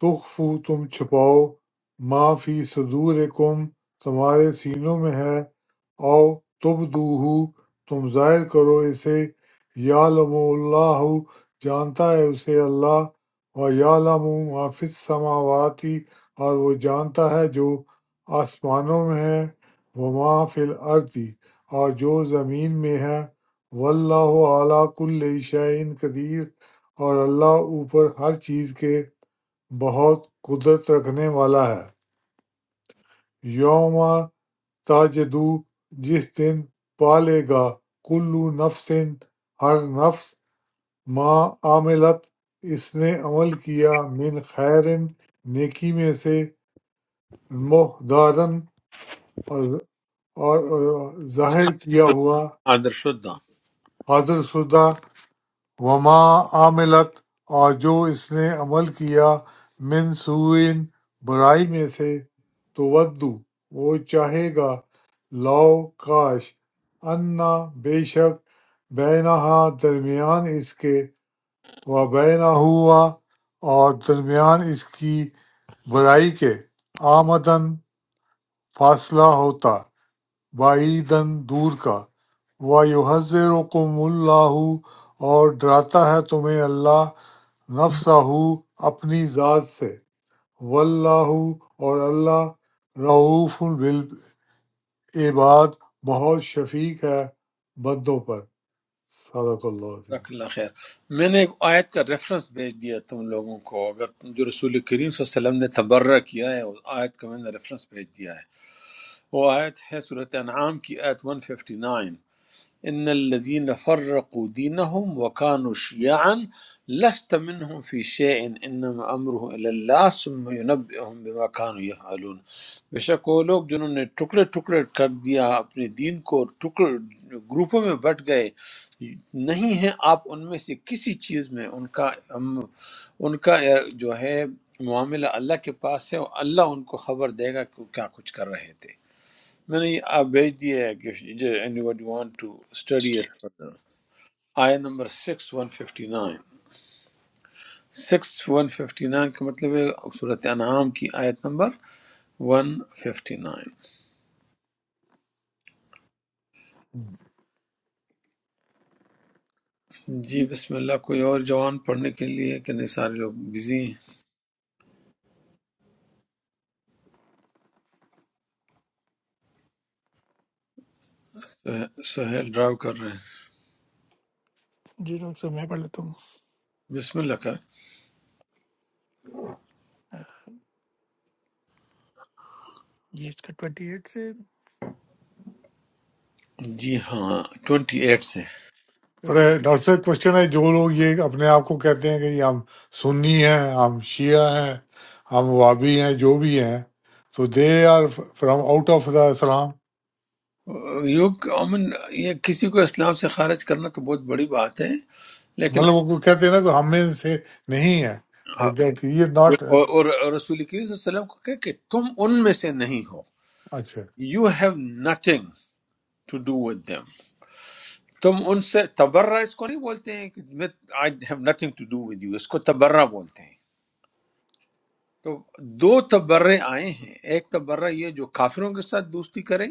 S4: تخفوا تم چھپاؤ ما فی صدورکم تمہارے سینوں میں ہے او تبدوہو تم ظاہر کرو اسے یعلم اللہ جانتا ہے اسے اللہ و یعلم ما فی السماواتی اور وہ جانتا ہے جو آسمانوں میں ہے وما فی الارضی اور جو زمین میں ہے واللہ اعلیٰ کل شعین قدیر اور اللہ اوپر ہر چیز کے بہت قدرت رکھنے والا ہے یوم تاجدو جس دن پالے گا کلو نفس ہر نفس ما عاملت اس نے عمل کیا من خیر نیکی میں سے محدارن اور اور ظاہر کیا ہوا
S1: آدر شدہ
S4: حاضر شدہ وما عملت اور جو اس نے عمل کیا من سوئن برائی میں سے تو ودو وہ چاہے گا لو کاش انا بے شک بینہا درمیان اس کے و بینا ہوا اور درمیان اس کی برائی کے آمدن فاصلہ ہوتا بعیداً دور کا وَيُحْذِرُكُمُ اللَّهُ اور ڈراتا ہے تمہیں اللہ نفسہ اپنی ذات سے واللہ اور اللہ رعوف بالعباد بہت شفیق ہے بندوں پر صدق اللہ عظیم
S1: جزاک اللہ خیر میں نے ایک آیت کا ریفرنس بھیج دیا تم لوگوں کو اگر تم جو رسول کریم صلی اللہ علیہ وسلم نے تبرہ کیا ہے اس آیت کا میں نے ریفرنس بھیج دیا ہے وہ آیت ہے صورت انعام کی آیت 159 ان الذين فرقوا دينهم وكانوا شيعا لست منهم في شيء انما امره الى الله ثم ينبئهم بما كانوا يفعلون بے شک وہ لوگ جنہوں نے ٹکڑے ٹکڑے کر دیا اپنے دین کو ٹکڑ گروپوں میں بٹ گئے نہیں ہیں آپ ان میں سے کسی چیز میں ان کا ان کا جو ہے معاملہ اللہ کے پاس ہے اور اللہ ان کو خبر دے گا کہ وہ کیا کچھ کر رہے تھے میں نے آپ بھیج دی ہے کہ anybody want to study it further آیا number six one fifty nine six one fifty nine کا مطلب ہے صورت انعام کی آیت نمبر ون ففٹی نائن جی بسم اللہ کوئی اور جوان پڑھنے کے لیے کہ نہیں سارے لوگ بزی ہیں سہیل ڈرائیو کر رہے ہیں
S5: جی ڈاکٹر صاحب میں پڑھ لیتا ہوں
S1: بسم اللہ کریں
S5: جی اس کا ٹوئنٹی ایٹ سے
S1: جی ہاں ٹوینٹی ایٹ سے
S4: اور
S5: ٹوئنٹی ایٹ
S4: یہ
S5: سے
S4: ڈاکٹر
S5: ففٹی
S4: صاحب کوشچن ہے جو لوگ یہ اپنے آپ کو کہتے ہیں کہ یہ ہم سنی ہیں ہم شیعہ ہیں ہم وابی ہیں جو بھی ہیں تو they are from out of the اسلام
S1: یوں کہ امن یہ کسی کو اسلام سے خارج کرنا تو بہت بڑی بات ہے لیکن
S4: مطلب وہ کہتے ہیں نا کہ ہمیں سے نہیں ہے دیٹ یہ
S1: اور,
S4: ناٹ
S1: اور اور رسول کریم صلی اللہ علیہ وسلم کو کہے کہ تم ان میں سے نہیں ہو
S4: اچھا
S1: you have nothing to do with them تم ان سے تبرہ اس کو نہیں بولتے ہیں کہ میں I have nothing to do with you اس کو تبرہ بولتے ہیں تو دو تبرے آئے ہیں ایک تبرہ یہ جو کافروں کے ساتھ دوستی کرے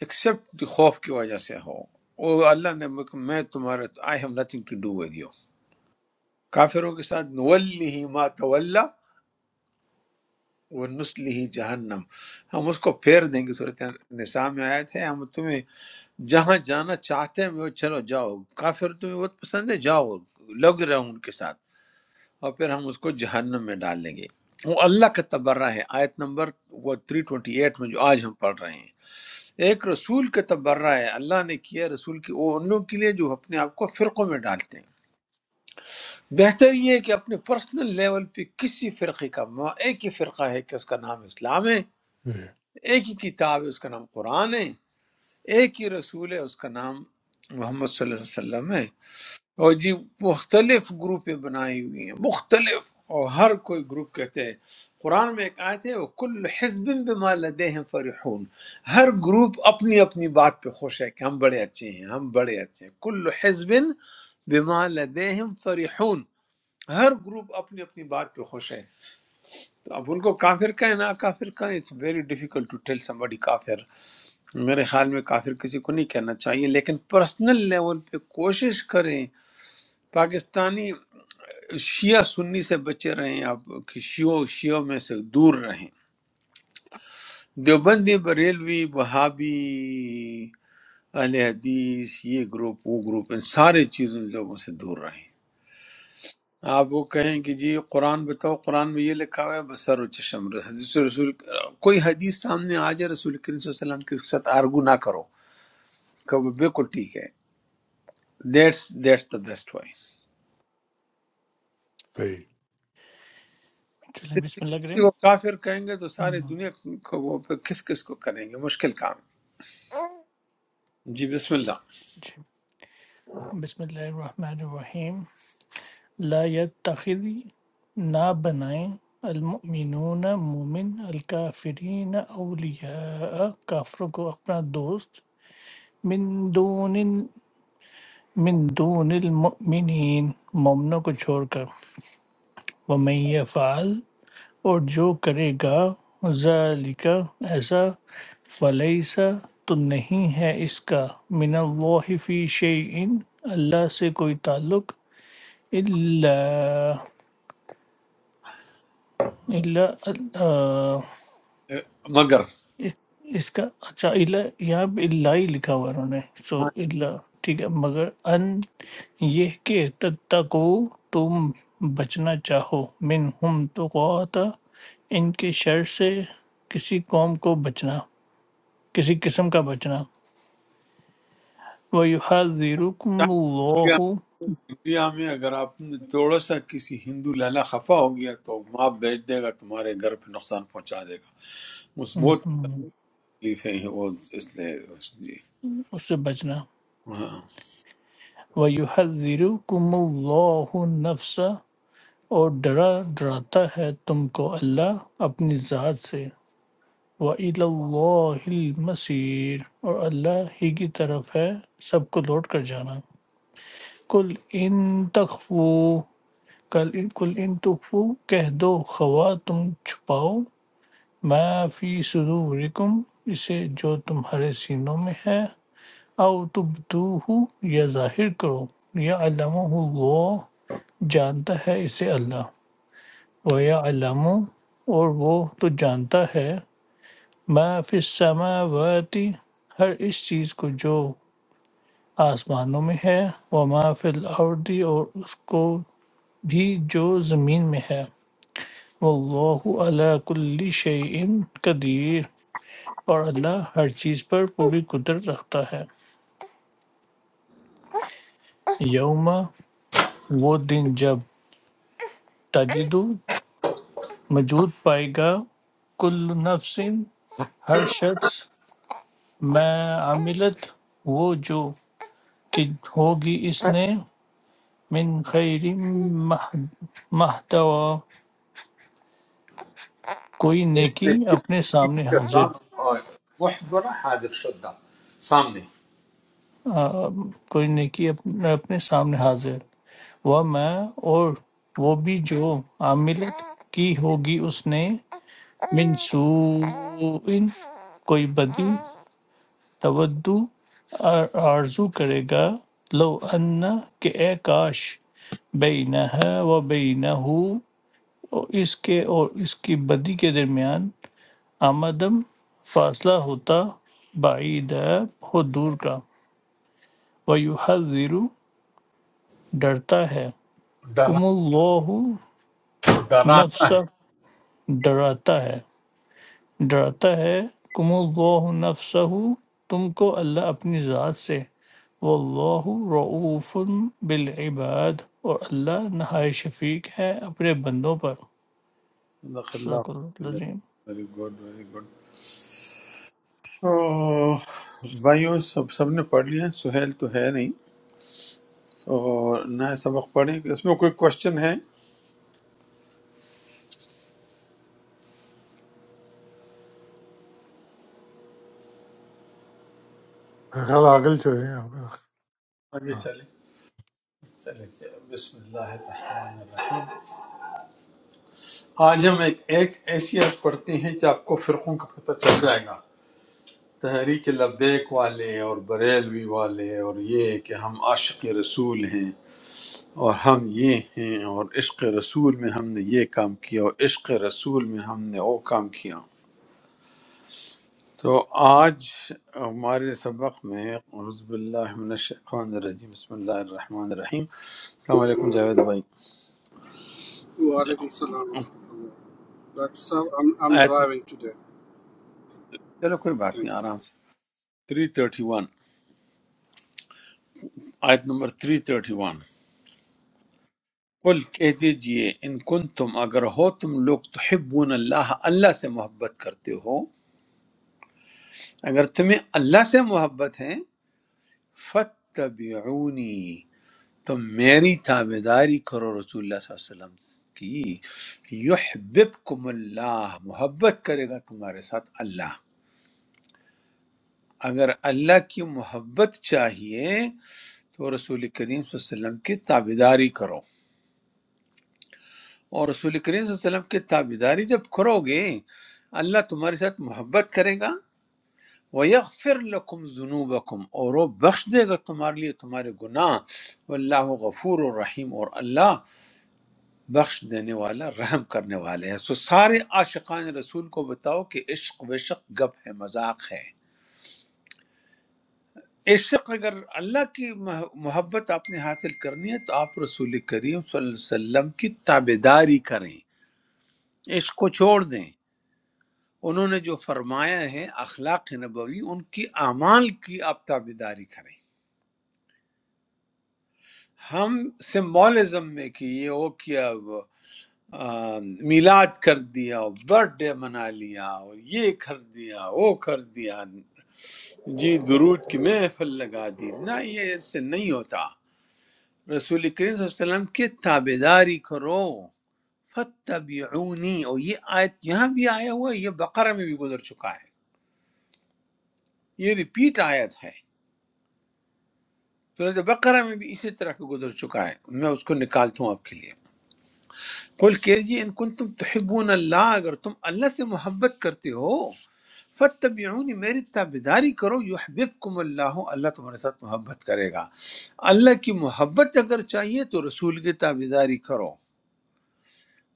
S1: ایکسیپٹ خوف کی وجہ سے ہو اور اللہ نے مجھ کو- میں تمہارا I have nothing to do with you کافروں کے ساتھ نولی ما تولی ونسلی جہنم ہم اس کو پھیر دیں گے صورت نساء میں آیت ہے ہم تمہیں جہاں جانا چاہتے ہیں وہ چلو جاؤ کافر تمہیں بہت پسند ہے جاؤ لگ رہے ہوں ان کے ساتھ اور پھر ہم اس کو جہنم میں ڈال دیں گے وہ اللہ کا تبرہ ہے آیت نمبر وہ 328 میں جو آج ہم پڑھ رہے ہیں ایک رسول کا تبرہ ہے اللہ نے کیا رسول کی وہ ان لوگوں کے لیے جو اپنے آپ کو فرقوں میں ڈالتے ہیں بہتر یہ ہے کہ اپنے پرسنل لیول پہ کسی فرقے کا ایک ہی فرقہ ہے کہ اس کا نام اسلام ہے
S4: جی
S1: ایک ہی کتاب ہے اس کا نام قرآن ہے ایک ہی رسول ہے اس کا نام محمد صلی اللہ علیہ وسلم ہے اور جی مختلف گروپیں بنائی ہوئی ہیں مختلف اور ہر کوئی گروپ کہتے ہیں قرآن میں ایک آیت ہے وہ کل حزب بما لدیہم فرحون ہر گروپ اپنی اپنی بات پہ خوش ہے کہ ہم بڑے اچھے ہیں ہم بڑے اچھے ہیں کل حزب بما لدیہم فرحون ہر گروپ اپنی اپنی بات پہ خوش ہے تو اب ان کو کافر کہیں نہ کافر کہیں it's very difficult to tell somebody کافر میرے خیال میں کافر کسی کو نہیں کہنا چاہیے لیکن پرسنل لیول پہ کوشش کریں پاکستانی شیعہ سنی سے بچے رہیں آپ کہ شیعوں شیعوں میں سے دور رہیں دیوبندی بریلوی وہابی اہل حدیث یہ گروپ وہ گروپ ان سارے چیزوں لوگوں سے دور رہیں آپ وہ کہیں کہ جی قرآن بتاؤ قرآن میں یہ لکھا ہوا ہے بسر و چشم حدیث رسول کوئی حدیث سامنے آ جائے رسول کریم صلی اللہ علیہ وسلم کے ساتھ آرگو نہ کرو کہ وہ بالکل ٹھیک ہے that's that's the best way
S4: صحیح میرا
S5: چلیں
S1: کسی
S5: بسم اللہ
S1: کسی
S5: کریم
S1: کو کافر کہیں گے تو ساری
S5: ہم،
S1: دنیا کو وہ پھر کس کس کو کریں گے مشکل کام ہے۔ جی بسم اللہ
S5: جی بسم اللہ الرحمن الرحیم لا يتخذ نہ بنائیں المؤمنون مومن الکافرین اولیاء کافروں کو اپنا دوست من دون من دون المؤمنین مومنوں کو چھوڑ کر ومن یفعل اور جو کرے گا ذَلِکَ ایسا فَلَیسَ تو نہیں ہے اس کا من اللہ فی شیئن اللہ سے کوئی تعلق الا الا آ،
S1: اے، مگر
S5: اس کا اچھا الا یہاں پہ الا ہی لکھا ہوا ہے انہوں نے سو
S1: ہاں،
S5: الا ٹھیک ہے مگر ان یہ کہ تتقو تم بچنا چاہو من ہم تو ان کے شر سے کسی قوم کو بچنا کسی قسم کا بچنا وَيُحَذِّرُكُمُ
S1: چاہے
S5: اللَّهُ
S1: انڈیا میں اگر آپ نے تھوڑا سا کسی ہندو لالا خفا ہو گیا تو ماں بیچ دے گا تمہارے گھر پہ نقصان پہنچا دے گا اس بہت
S5: ہم،
S1: تکلیف ہے وہ اس لیے اس- جی
S5: اس سے بچنا
S1: ہاں۔
S5: وَيُحَذِّرُكُمُ اللَّهُ نَفْسَ اور ڈرا ڈراتا ہے تم کو اللہ اپنی ذات سے وَإِلَى اللَّهِ الْمَصِيرُ اور اللہ ہی کی طرف ہے سب کو لوٹ کر جانا کل ان تخفو کل کل ان تخفو کہہ دو خوا تم چھپاؤ ما فی صدورکم اسے جو تمہارے سینوں میں ہے او تبدوہ یا ظاہر کرو یا علمہ اللہ جانتا ہے اسے اللہ و یا علمہ، اور وہ تو جانتا ہے ما فی السماوات ہر اس چیز کو جو آسمانوں میں ہے و ما فی الارض اور اس کو بھی جو زمین میں ہے واللہ علی کل شیء قدیر اور اللہ ہر چیز پر پوری قدرت رکھتا ہے یوما وہ دن جب تجد موجود پائے گا کل نفس ہر شخص میں عملت وہ جو کہ ہوگی اس نے من خیر محتوا کوئی
S1: اس
S5: نیکی
S1: نے کیا
S5: اپنے
S1: ان
S5: سامنے
S1: کا
S5: حاضر
S1: کام اور محضر حاضر شدہ سامنے
S5: آ، کوئی نیکی اپنے اپنے سامنے حاضر وہ میں اور وہ بھی جو عاملت کی ہوگی اس نے من سوء کوئی بدی تودو آر- آرزو کرے گا لو انا کہ اے کاش بینہا و بینہو اور اس کے اور اس کی بدی کے درمیان آمدم فاصلہ ہوتا بعید ہے بہت دور کا وَيُحَذِّرُ ڈرتا ہے کم
S1: ڈرا-
S5: اللہ
S1: ڈراتا
S5: نفسہ ڈراتا ہے ڈراتا ہے کم اللہ نفسہ تم کو اللہ اپنی ذات سے واللہ رعوف بالعباد اور اللہ نہائی شفیق ہے اپنے بندوں پر
S1: صدق
S5: صدق اللہ
S1: اللہ
S5: العظیم
S1: ویری گڈ ویری گڈ تو بھائیوں سب سب نے پڑھ لیا سہیل تو ہے نہیں تو نہ سبق پڑھیں کہ اس میں کوئی کوشچن ہے
S4: خیال ہے آگے چلیں
S1: آگے
S4: ہاں
S1: چلیں چلیں چلیں۔ بسم اللہ الرحمن الرحیم آج ہم ایک ایک ایسی ایپ پڑھتے ہیں جو آپ کو فرقوں کا پتہ چل جائے گا تحریک لبیک والے اور بریلوی والے اور یہ کہ ہم عاشق رسول ہیں اور ہم یہ ہیں اور عشق رسول میں ہم نے یہ کام کیا اور عشق رسول میں ہم نے وہ کام کیا تو آج ہمارے سبق میں اعوذ باللہ من الشیطان الرجیم بسم اللہ الرحمن الرحیم السلام علیکم جاوید بھائی
S6: Walaikum salam. Dr. Saf, I'm, I'm
S1: آیت نمبر
S6: driving today.
S1: چلو کوئی بات
S6: Thank
S1: نہیں
S6: you.
S1: آرام سے 331 آیت نمبر 331 قل کہہ دیجئے ان کن تم اگر ہو تم لوگ تحبون اللہ اللہ سے محبت کرتے ہو اگر تمہیں اللہ سے محبت ہے فتبعونی تم میری تابے داری کرو رسول اللہ صلی اللہ علیہ وسلم کی یحببکم اللہ محبت کرے گا تمہارے ساتھ اللہ اگر اللہ کی محبت چاہیے تو رسول کریم صلی اللہ علیہ وسلم کی تابے داری کرو اور رسول کریم صلی اللہ علیہ وسلم کی تابے داری جب کرو گے اللہ تمہارے ساتھ محبت کرے گا وَيَغْفِرْ لَكُمْ ذُنُوبَكُمْ اور وہ بخش دے گا تمہارے لیے تمہارے گناہ واللہ غفور الرحیم اور اللہ بخش دینے والا رحم کرنے والے ہیں سو سارے عاشقان رسول کو بتاؤ کہ عشق وشق گپ ہے مذاق ہے عشق اگر اللہ کی مح- محبت آپ نے حاصل کرنی ہے تو آپ رسول کریم صلی اللہ علیہ وسلم کی تابے داری کریں عشق کو چھوڑ دیں انہوں نے جو فرمایا ہے اخلاق نبوی ان کی اعمال کی آپ تابے داری کریں ہم سمبولزم میں کہ یہ وہ کیا آ، میلاد کر دیا اور برتھ ڈے منا لیا اور یہ کر دیا وہ کر دیا جی درود کی محفل لگا دی نہ یہ اس سے نہیں ہوتا رسول کریم صلی اللہ علیہ وسلم کی تابے داری کرو فتبعونی اور یہ آیت یہاں بھی آیا ہوا ہے یہ بقرہ میں بھی گزر چکا ہے یہ ریپیٹ آیت ہے سورۃ بقرہ میں بھی اسی طرح کا گزر چکا ہے میں اس کو نکالتا ہوں آپ کے لیے قل کہیے ان کن تم تحبون اللہ اگر تم اللہ سے محبت کرتے ہو فتبعونی میری تابداری کرو یحببکم اللہ اللہ تمہارے ساتھ محبت کرے گا اللہ کی محبت اگر چاہیے تو رسول کی تابداری کرو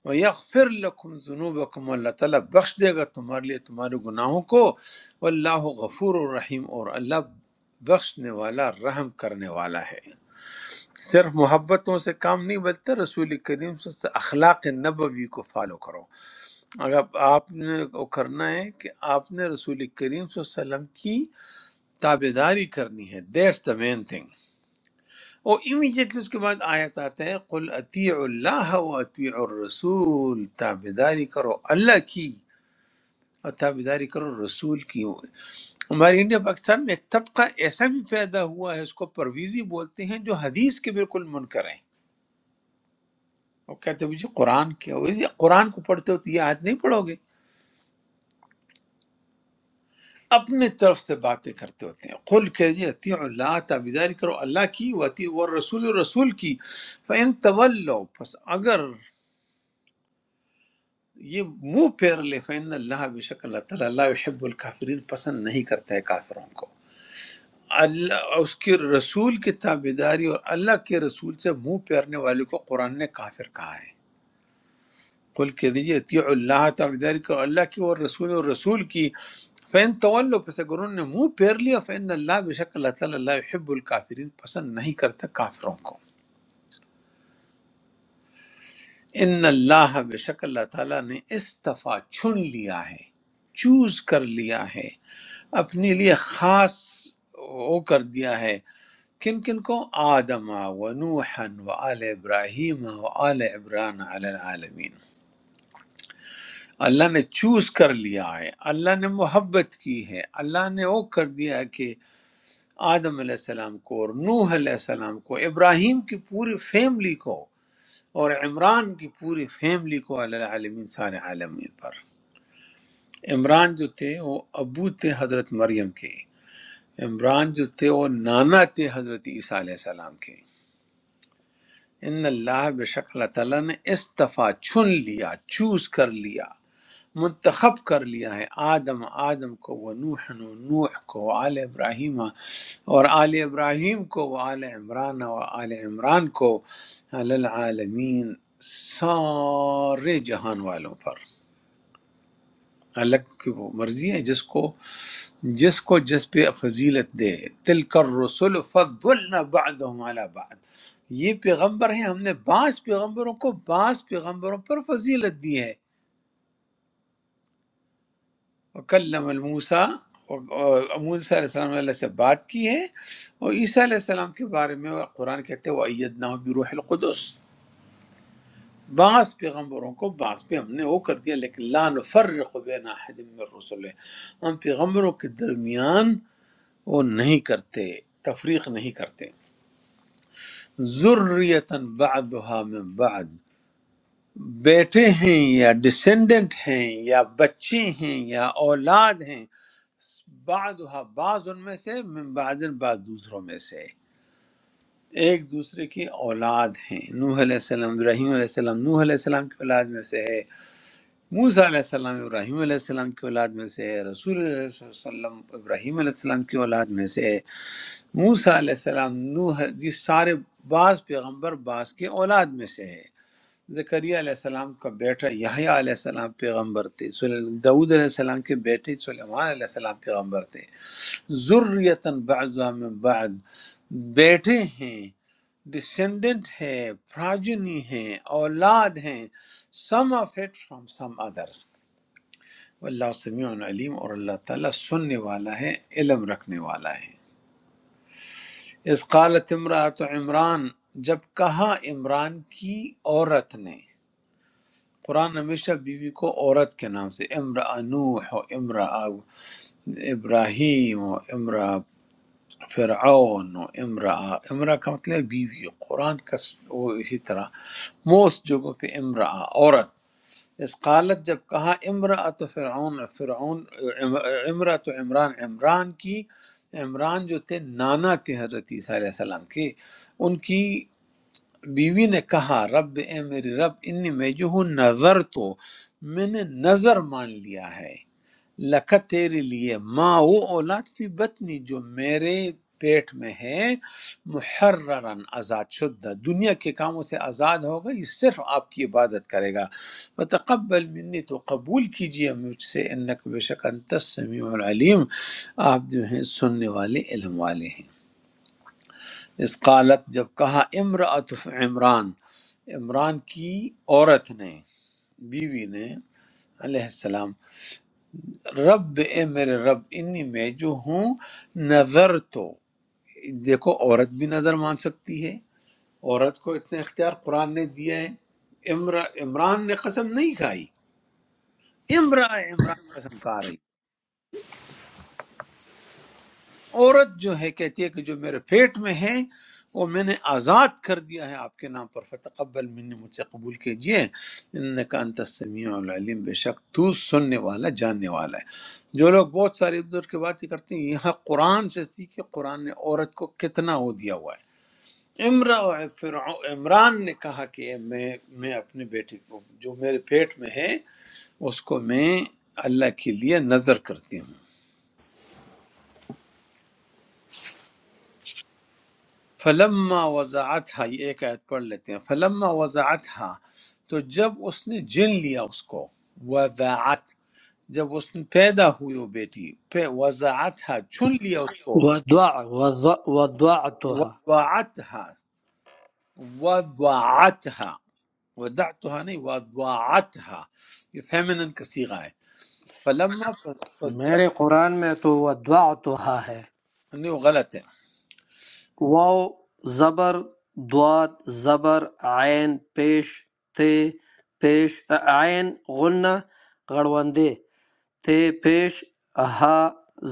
S1: وَيَغْفِرْ لَكُمْ ذُنُوبَكُمْ اللہ تعالیٰ بخش دے گا تمہارے لیے تمہارے گناہوں کو واللہ غفور الرحیم اور اللہ بخشنے والا رحم کرنے والا ہے صرف محبتوں سے کام نہیں بلتا رسول کریم صلی اللہ علیہ وسلم سے اخلاق نبوی کو فالو کرو اور اب آپ نے کو کرنا ہے کہ آپ نے رسول کریم صلی اللہ علیہ وسلم کی تابے داری کرنی ہے دیٹس دا مین تھنگ اور امیجیٹلی اس کے بعد آیت آتا ہے قل اطیع اللہ و اطیع الرسول تابے داری کرو اللہ کی اور تابے داری کرو رسول کی ہمارے انڈیا پاکستان میں ایک طبقہ ایسا بھی پیدا ہوا ہے اس کو پرویزی بولتے ہیں جو حدیث کے بالکل منکر ہیں وہ کہتے ہیں جی قرآن کیا ہو؟ یہ قرآن کو پڑھتے ہو تو یہ آیت نہیں پڑھو گے اپنے طرف سے باتیں کرتے ہوتے ہیں قل کہہ اطیع اللہ تابیداری کرو اللہ کی وتی و رسول رسول کی فین طلو پس اگر یہ منہ پھیر لے فین اللہ بے شک اللہ تعالیٰ اللہ يحب الکافرین پسند نہیں کرتا ہے کافروں کو اللہ اس کے رسول کی تابیداری اور اللہ کے رسول سے منہ پھیرنے والے کو قرآن نے کافر کہا ہے کل کے دیجیے اطیع اللہ تعالیٰ جاری کرو اللہ کی اور رسول اور رسول کی فین طول پس اگر انہوں نے منہ پھیر لیا فین اللہ بے شک اللہ تعالیٰ اللہ حب الکافرین پسند نہیں کرتا کافروں کو ان اللہ بے شک اللہ تعالیٰ نے استفا چن لیا ہے چوز کر لیا ہے اپنے لیے خاص وہ کر دیا ہے کن کن کو آدم و نوحا و آل ابراہیم و آل عبران علی العالمین اللہ نے چوز کر لیا ہے اللہ نے محبت کی ہے اللہ نے وہ کر دیا ہے کہ آدم علیہ السلام کو اور نوح علیہ السلام کو ابراہیم کی پوری فیملی کو اور عمران کی پوری فیملی کو علی العالمین سارے عالمین پر عمران جو تھے وہ ابو تھے حضرت مریم کے عمران جو تھے وہ نانا تھے حضرت عیسیٰ علیہ السلام کے ان اللہ بے شک اللہ تعالیٰ نے استفا چن لیا چوز کر لیا منتخب کر لیا ہے آدم آدم کو وہ نوح و نوح کو آل ابراہیم اور آل ابراہیم کو وہ آل عمران اور آل عمران کو علی العالمین سارے جہان والوں پر اللہ کی وہ مرضی ہے جس کو جس کو جس پہ فضیلت دے تلک الرسل فضلنا بعضهم علی بعض یہ پیغمبر ہیں ہم نے بعض پیغمبروں کو بعض پیغمبروں پر فضیلت دی ہے وکلم الموسیٰ اور اور موسیٰ علیہ السلام نے اللہ سے بات کی ہے اور عیسیٰ علیہ السلام کے بارے میں وہ قرآن کہتے ہیں وَأَيَّدْنَاهُ بِرُوحِ الْقُدُسِ بعض پیغمبروں کو بعض پہ ہم نے وہ کر دیا لیکن لا نفرق بین احد من الرسل ہم پیغمبروں کے درمیان وہ نہیں کرتے تفریق نہیں کرتے ذریتاً بعدها من بعد بیٹے ہیں یا ڈسینڈنٹ ہیں یا بچے ہیں یا اولاد ہیں بعض بعض ان میں سے من بعض بعض دوسروں میں سے ایک دوسرے کی اولاد ہیں نوح علیہ السلام ابراہیم علیہ السلام نوح علیہ السلام کی اولاد میں سے ہے موسیٰ علیہ السلام ابراہیم علیہ السلام کی اولاد میں سے ہے رسول اللہ علیہ وسلم ابراہیم علیہ السلام کی اولاد میں سے ہے موسیٰ علیہ السلام نوح یہ سارے بعض پیغمبر بعض کے اولاد میں سے ہے زکریا علیہ السلام کا بیٹا یحییٰ علیہ السلام پیغمبر تھے سل- داؤد علیہ السلام کے بیٹے سلیمان علیہ السلام پیغمبر تھے ذریتاً بعض من بعد بیٹے ہیں ڈسینڈنٹ ہے پراجنی ہیں اولاد ہیں some of it from some others اللہ سمیع علیم اور اللہ تعالیٰ سننے والا ہے علم رکھنے والا ہے اس قالت امرات عمران جب کہا عمران کی عورت نے قرآن ہمیشہ بیوی کو عورت کے نام سے امرا نوح و امرا ابراہیم و امرا فرعون و امرا امرا کا مطلب ہے بیوی قرآن کا س- وہ اسی طرح موسٹ جگہوں پہ امرا عورت اس قالت جب کہا امرا تو فرعون فرعون امرا تو عمران عمران کی عمران جو تھے نانا تھے حضرت عیسیٰ علیہ السلام کے ان کی بیوی نے کہا رب اے میری رب انی میں جو ہوں نظر تو میں نے نظر مان لیا ہے لکھا تیرے لیے ماں وہ اولاد فی بطنی جو میرے پیٹ میں ہے محررن آزاد شدہ دنیا کے کاموں سے آزاد ہوگا یہ صرف آپ کی عبادت کرے گا وتقبل منی تو قبول کیجیے مجھ سے انک بے شک انت السمیع العلیم آپ جو ہیں سننے والے علم والے ہیں اس قالت جب کہا امراۃ عمران عمران کی عورت نے بیوی نے علیہ السلام رب اے میرے رب انی میں جو ہوں نظر تو دیکھو عورت بھی نظر مان سکتی ہے عورت کو اتنا اختیار قرآن نے دیا ہے امر عمران نے قسم نہیں کھائی امرا عمران قسم کھا رہی عورت جو ہے کہتی ہے کہ جو میرے پیٹ میں ہے وہ میں نے آزاد کر دیا ہے آپ کے نام پر فتقبل منی مجھ سے قبول کیجئے انکا انت السمیع العلیم بے شک تو سننے والا جاننے والا ہے جو لوگ بہت ساری ادھر کی باتیں کرتے ہیں یہاں قرآن سے سیکھے قرآن نے عورت کو کتنا وہ دیا ہوا ہے امرا فرعو- عمران نے کہا کہ میں میں اپنے بیٹے کو جو میرے پیٹ میں ہے اس کو میں اللہ کے لیے نظر کرتی ہوں فلما وضاحت ہا یہ ایک آیت پڑھ لیتے ہیں فلما وضاحت ہا تو جب اس نے جن لیا اس کو وضاحت جب اس نے پیدا ہوئی وہ بیٹی پہ وضاحت ہا چن لیا اس کو
S2: ودعتها
S1: وضاحت ہا وضاحت ہا وضاحت ہا نہیں وضاحت ہا یہ فیمنن کا صیغہ ہے فلما پس پس
S2: میرے
S1: جب
S2: قرآن میں تو ودعتها ہے
S1: نہیں وہ غلط ہے
S2: واو زبر دعات زبر عین پیش تے پیش عین غنہ غڑوندے تے پیش ہا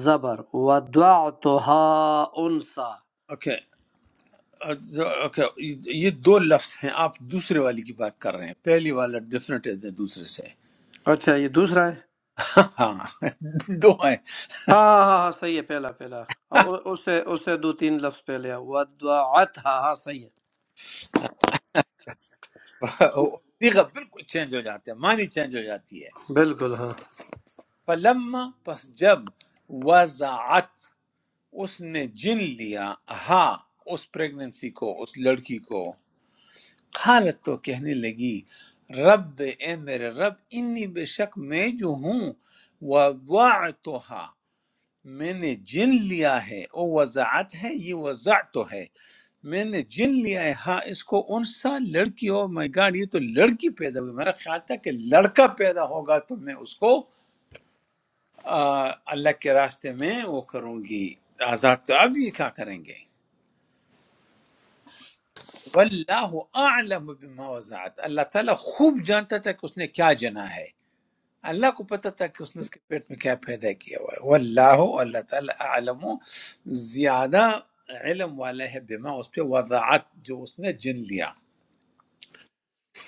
S2: زبر ودعتها انسا
S1: اوکے اوکے یہ دو لفظ ہیں آپ دوسرے والی کی بات کر رہے ہیں پہلی والا ڈیفرنٹ ہے دوسرے سے
S2: اچھا یہ دوسرا ہے
S1: ہاں دو ہیں
S2: ہاں ہاں ہاں ہاں، صحیح ہے پہلا پہلا اور اس سے اس سے دو تین لفظ پہلے ہے ودعتها ہاں صحیح ہے
S1: صیغہ بالکل چینج ہو جاتے ہیں معنی چینج ہو جاتی ہے
S2: بالکل ہاں
S1: فلما پس جب وضعت اس نے جن لیا ہا اس پریگننسی کو اس لڑکی کو قالت تو کہنے لگی رب اے میرے رب انی بے شک میں جو ہوں وضعتها میں نے جن لیا ہے او وضعت ہے یہ وضعت ہے میں نے جن لیا ہے ہاں اس کو انسا لڑکی ہو مائی گاڈ یہ تو لڑکی پیدا ہوئی میرا خیال تھا کہ لڑکا پیدا ہوگا تو میں اس کو آ، اللہ کے راستے میں وہ کروں گی آزاد کر اب یہ کیا کریں گے واللہ اعلم بما وزعت اللہ تعالیٰ خوب جانتا تھا کہ اس نے کیا جنا ہے اللہ کو پتہ تھا کہ اس نے اس کے پیٹ میں کیا پیدا کیا ہوا ہے واللہ اللہ تعالیٰ اعلم زیادہ علم والا ہے بما اس پہ وضاحت جو اس نے جن لیا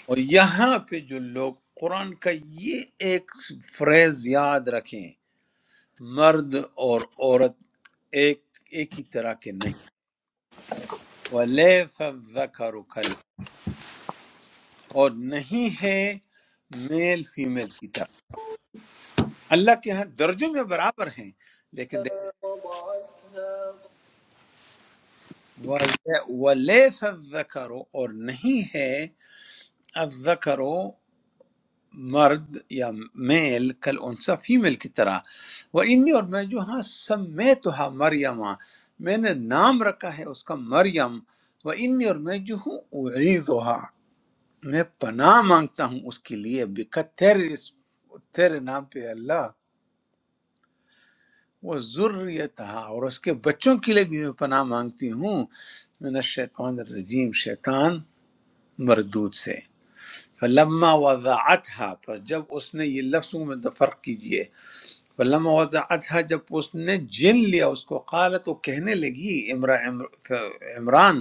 S1: اور یہاں پہ جو لوگ قرآن کا یہ ایک فریز یاد رکھیں مرد اور عورت ایک ایک ہی طرح کے نہیں وَلَيْسَ الذَّكَرُ كَالْ- اور نہیں ہے میل فیمیل کی طرح اللہ کے ہاں درجوں میں برابر ہیں لیکن دیکھ-
S7: وضعتها
S1: وَلَيْسَ الذَّكَرُ اور نہیں ہے الذَّكَرُ مرد یا میل کل انسا فیمیل کی طرح وہ انی اور میں جو ہاں سمیتها مریم ہاں، میں نے نام رکھا ہے اس کا مریم وہ انی اور میں جو ہوں اعیذها میں پناہ مانگتا ہوں اس کے لیے بکت تیرے اس- تیرے نام پہ اللہ وہ ضروریتہ اور اس کے بچوں کے لیے بھی میں پناہ مانگتی ہوں من الشیطان الرجیم شیطان مردود سے فلما وضعتها پس جب اس نے یہ لفظوں میں تو فرق کیجئے فلما وضعتها جب اس نے جن لیا اس کو قالت وہ کہنے لگی عمرہ عمران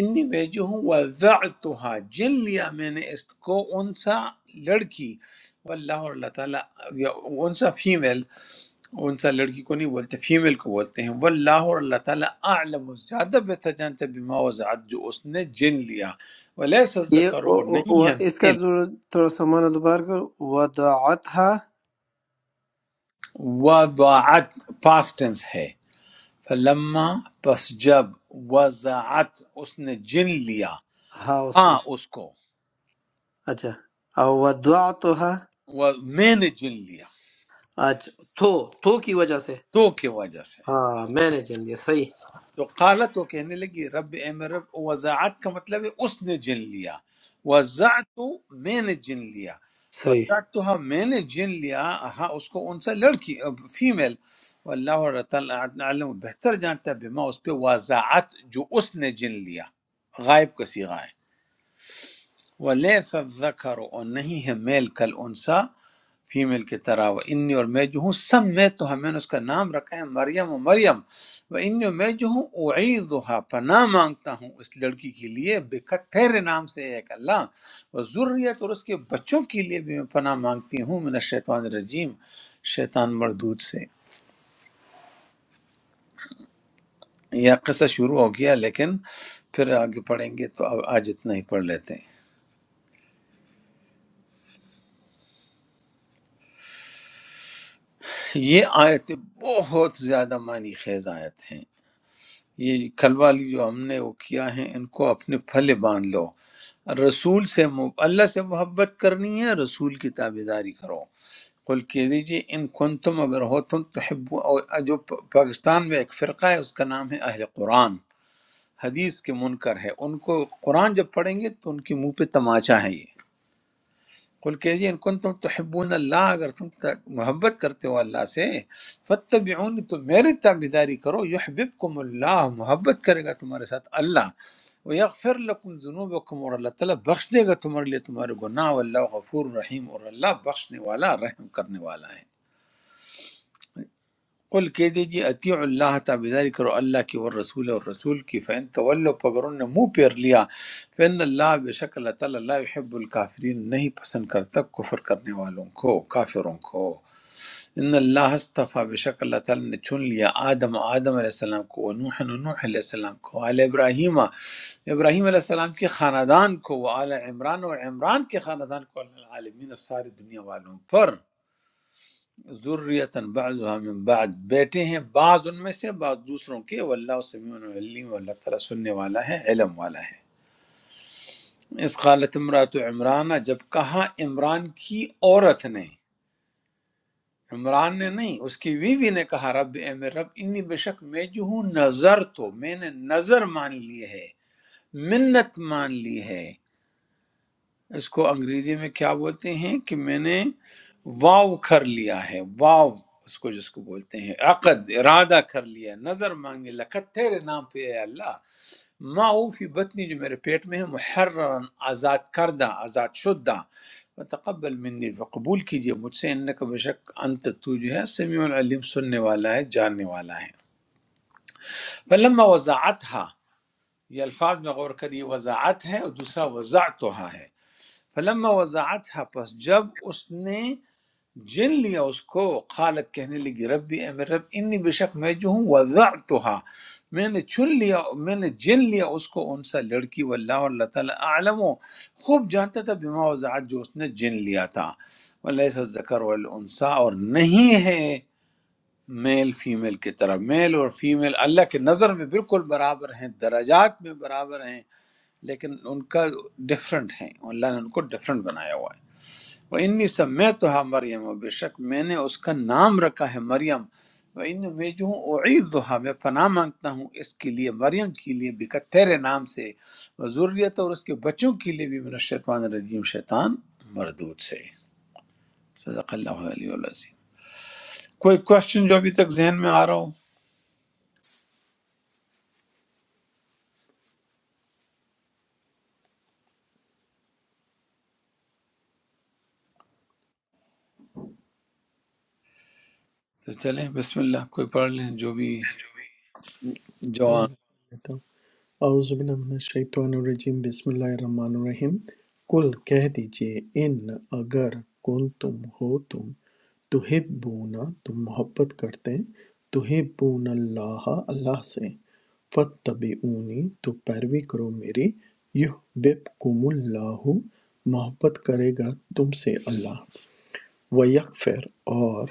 S1: انی میں جو ہوں وضعتها جن لیا میں نے اس کو انسا لڑکی واللہ اور اللہ تعالیٰ یا انسا فیمیل انسا لڑکی کو نہیں بولتے فیمیل کو بولتے ہیں واللہ اور اللہ تعالیٰ اعلم وہ زیادہ بہتر جانتے بما وضعت جو اس نے جن لیا ولیس
S2: یہ
S1: الذکر
S2: او-
S1: اور
S2: او-
S1: نہیں
S2: او-
S1: ہے
S2: اس کا
S1: میل
S2: ضرور تھوڑا سا معنی دوبارہ کرو ودعتها
S1: وضعت پاسٹ ٹینس ہے فلما پس جب وضعت اس نے جن لیا
S2: ہاں اس
S1: ہاں
S2: کو
S1: اس کو
S2: اچھا او ودعتها
S1: و- میں نے جن لیا
S2: اچھا تو تو کی وجہ سے
S1: تو کی وجہ سے
S2: ہاں میں نے چن لیا صحیح
S1: تو قالت وہ کہنے لگی رب اے میرے رب وضعت کا مطلب ہے اس نے جن لیا وضعت میں نے جن لیا
S2: صحیح
S1: وضعت میں نے جن لیا ہاں اس کو ان سے لڑکی فیمیل واللہ اور تعالیٰ عالم بہتر جانتا ہے بما اس پہ وضعت جو اس نے جن لیا غائب کا صیغہ ہے وَلَيْسَ الذَّكَرُ اور نہیں ہے میل کل انسا فیمیل کی طرح وہ انی اور میں جو ہوں سب میں تو ہمیں نے اس کا نام رکھا ہے مریم و مریم وہ انی اور میں جو ہوں اعیدھا پناہ مانگتا ہوں اس لڑکی کے لیے بکتھیر نام سے ایک اللہ و ذریت اور اس کے بچوں کے لیے بھی میں پناہ مانگتی ہوں من الشیطان الرجیم شیطان مردود سے یہ قصہ شروع ہو گیا لیکن پھر آگے پڑھیں گے تو اب آج اتنا ہی پڑھ لیتے ہیں یہ آیتیں بہت زیادہ معنی خیز آیت ہیں یہ کل والی جو ہم نے وہ کیا ہے ان کو اپنے پھلے باندھ لو رسول سے مح- اللہ سے محبت کرنی ہے رسول کی تابے داری کرو قل کہہ دیجیے ان کن تم اگر ہو تم تو حب جو پ- پاکستان میں ایک فرقہ ہے اس کا نام ہے اہل قرآن حدیث کے منکر ہے ان کو قرآن جب پڑھیں گے تو ان کے منہ پہ تماچا ہے یہ قل کہہ ان کن تم تحبون اللہ اگر تم تا- محبت کرتے ہو اللہ سے فتبعونی تو میری تابیداری کرو یحببکم اللہ محبت کرے گا تمہارے ساتھ اللہ ویغفر لکم ذنوبکم اور اللہ تعالیٰ بخش دے گا تمہارے لیے تمہارے گناہ واللہ غفور رحیم اور اللہ بخشنے والا رحم کرنے والا ہے قل کہہ دیجیے اطیع اللہ تعالی ذاری کرو اللہ کی اور رسول اور رسول کی فین تولو اگر انہوں نے منہ پھیر لیا فین اللہ بے شک اللہ تعالیٰ اللہ يحب الکافرین نہیں پسند کرتا کفر کرنے والوں کو کافروں کو ان اللہ استفا بے شک اللہ تعالیٰ نے چن لیا آدم آدم علیہ السلام کو نوح نوح علیہ السلام کو آل ابراہیم ابراہیم علیہ السلام کے خاندان کو آل عمران اور عمران کے خاندان کو اللہ العالمین ساری دنیا والوں پر ذریتاً بعضها من بعد بیٹے ہیں بعض ان میں سے بعض دوسروں کے واللہ سمیع علیم اللہ تعالیٰ سننے والا ہے علم والا ہے اس قالت امرات عمران جب کہا عمران کی عورت نے عمران نے نہیں اس کی بیوی نے کہا رب اے میرے رب انی بے شک میں جو ہوں نظر تو میں نے نظر مان لی ہے منت مان لی ہے اس کو انگریزی میں کیا بولتے ہیں کہ میں نے واو کر لیا ہے واو اس کو جس کو بولتے ہیں عقد ارادہ کر لیا نظر مانگے لکت تیرے نام پہ اے اللہ ما او فی بطنی جو میرے پیٹ میں ہے محررن آزاد کردہ آزاد شدہ وتقبل منی قبول کیجئے مجھ سے انکا بشک انت تو جو ہے سمیع العلیم سننے والا ہے جاننے والا ہے فلما وضاعتها یہ الفاظ میں غور کریے وضاعت ہے اور دوسرا وضاعتها ہے فلما وضعتها پس جب اس نے جن لیا اس کو قالت کہنے لگی ربی اے میرے رب انی بے شک میں جو ہوں وضعتها میں نے چن لیا میں نے جن لیا اس کو ان سا لڑکی واللہ اور اللہ تعالیٰ عالم و خوب جانتا تھا بما وضعت جو اس نے جن لیا تھا ولیس الذکر والانسا اور نہیں ہے میل فیمیل کی طرح میل اور فیمیل اللہ کے نظر میں بالکل برابر ہیں درجات میں برابر ہیں لیکن ان کا ڈیفرنٹ ہیں اللہ نے ان کو ڈیفرنٹ بنایا ہوا ہے وَإِنِّي سَمَّيْتُهَا مریم و بے شک میں نے اس کا نام رکھا ہے مریم وَإِنِّي میں جو ہوں اعیذها میں پناہ مانگتا ہوں اس کے لیے مریم کے لیے بھی کہ تیرے نام سے و ذریت اور اس کے بچوں کے لیے بھی من الشیطان الرجیم شیطان مردود سے صدق اللہ علیہ العظیم کوئی کوشچن جو ابھی تک ذہن میں آ رہا ہو تو چلیں بسم اللہ کوئی پڑھ لیں جو بھی جوان
S7: اعوذ باللہ من الشیطان الرجیم بسم اللہ الرحمن الرحیم کل کہہ دیجئے ان اگر کن تم ہو تم تحبونا تم محبت کرتے تحبون اللہ اللہ سے فتبعونی تو پیروی کرو میری یحببکم اللہ محبت کرے گا تم سے اللہ وَيَغْفِرْ اور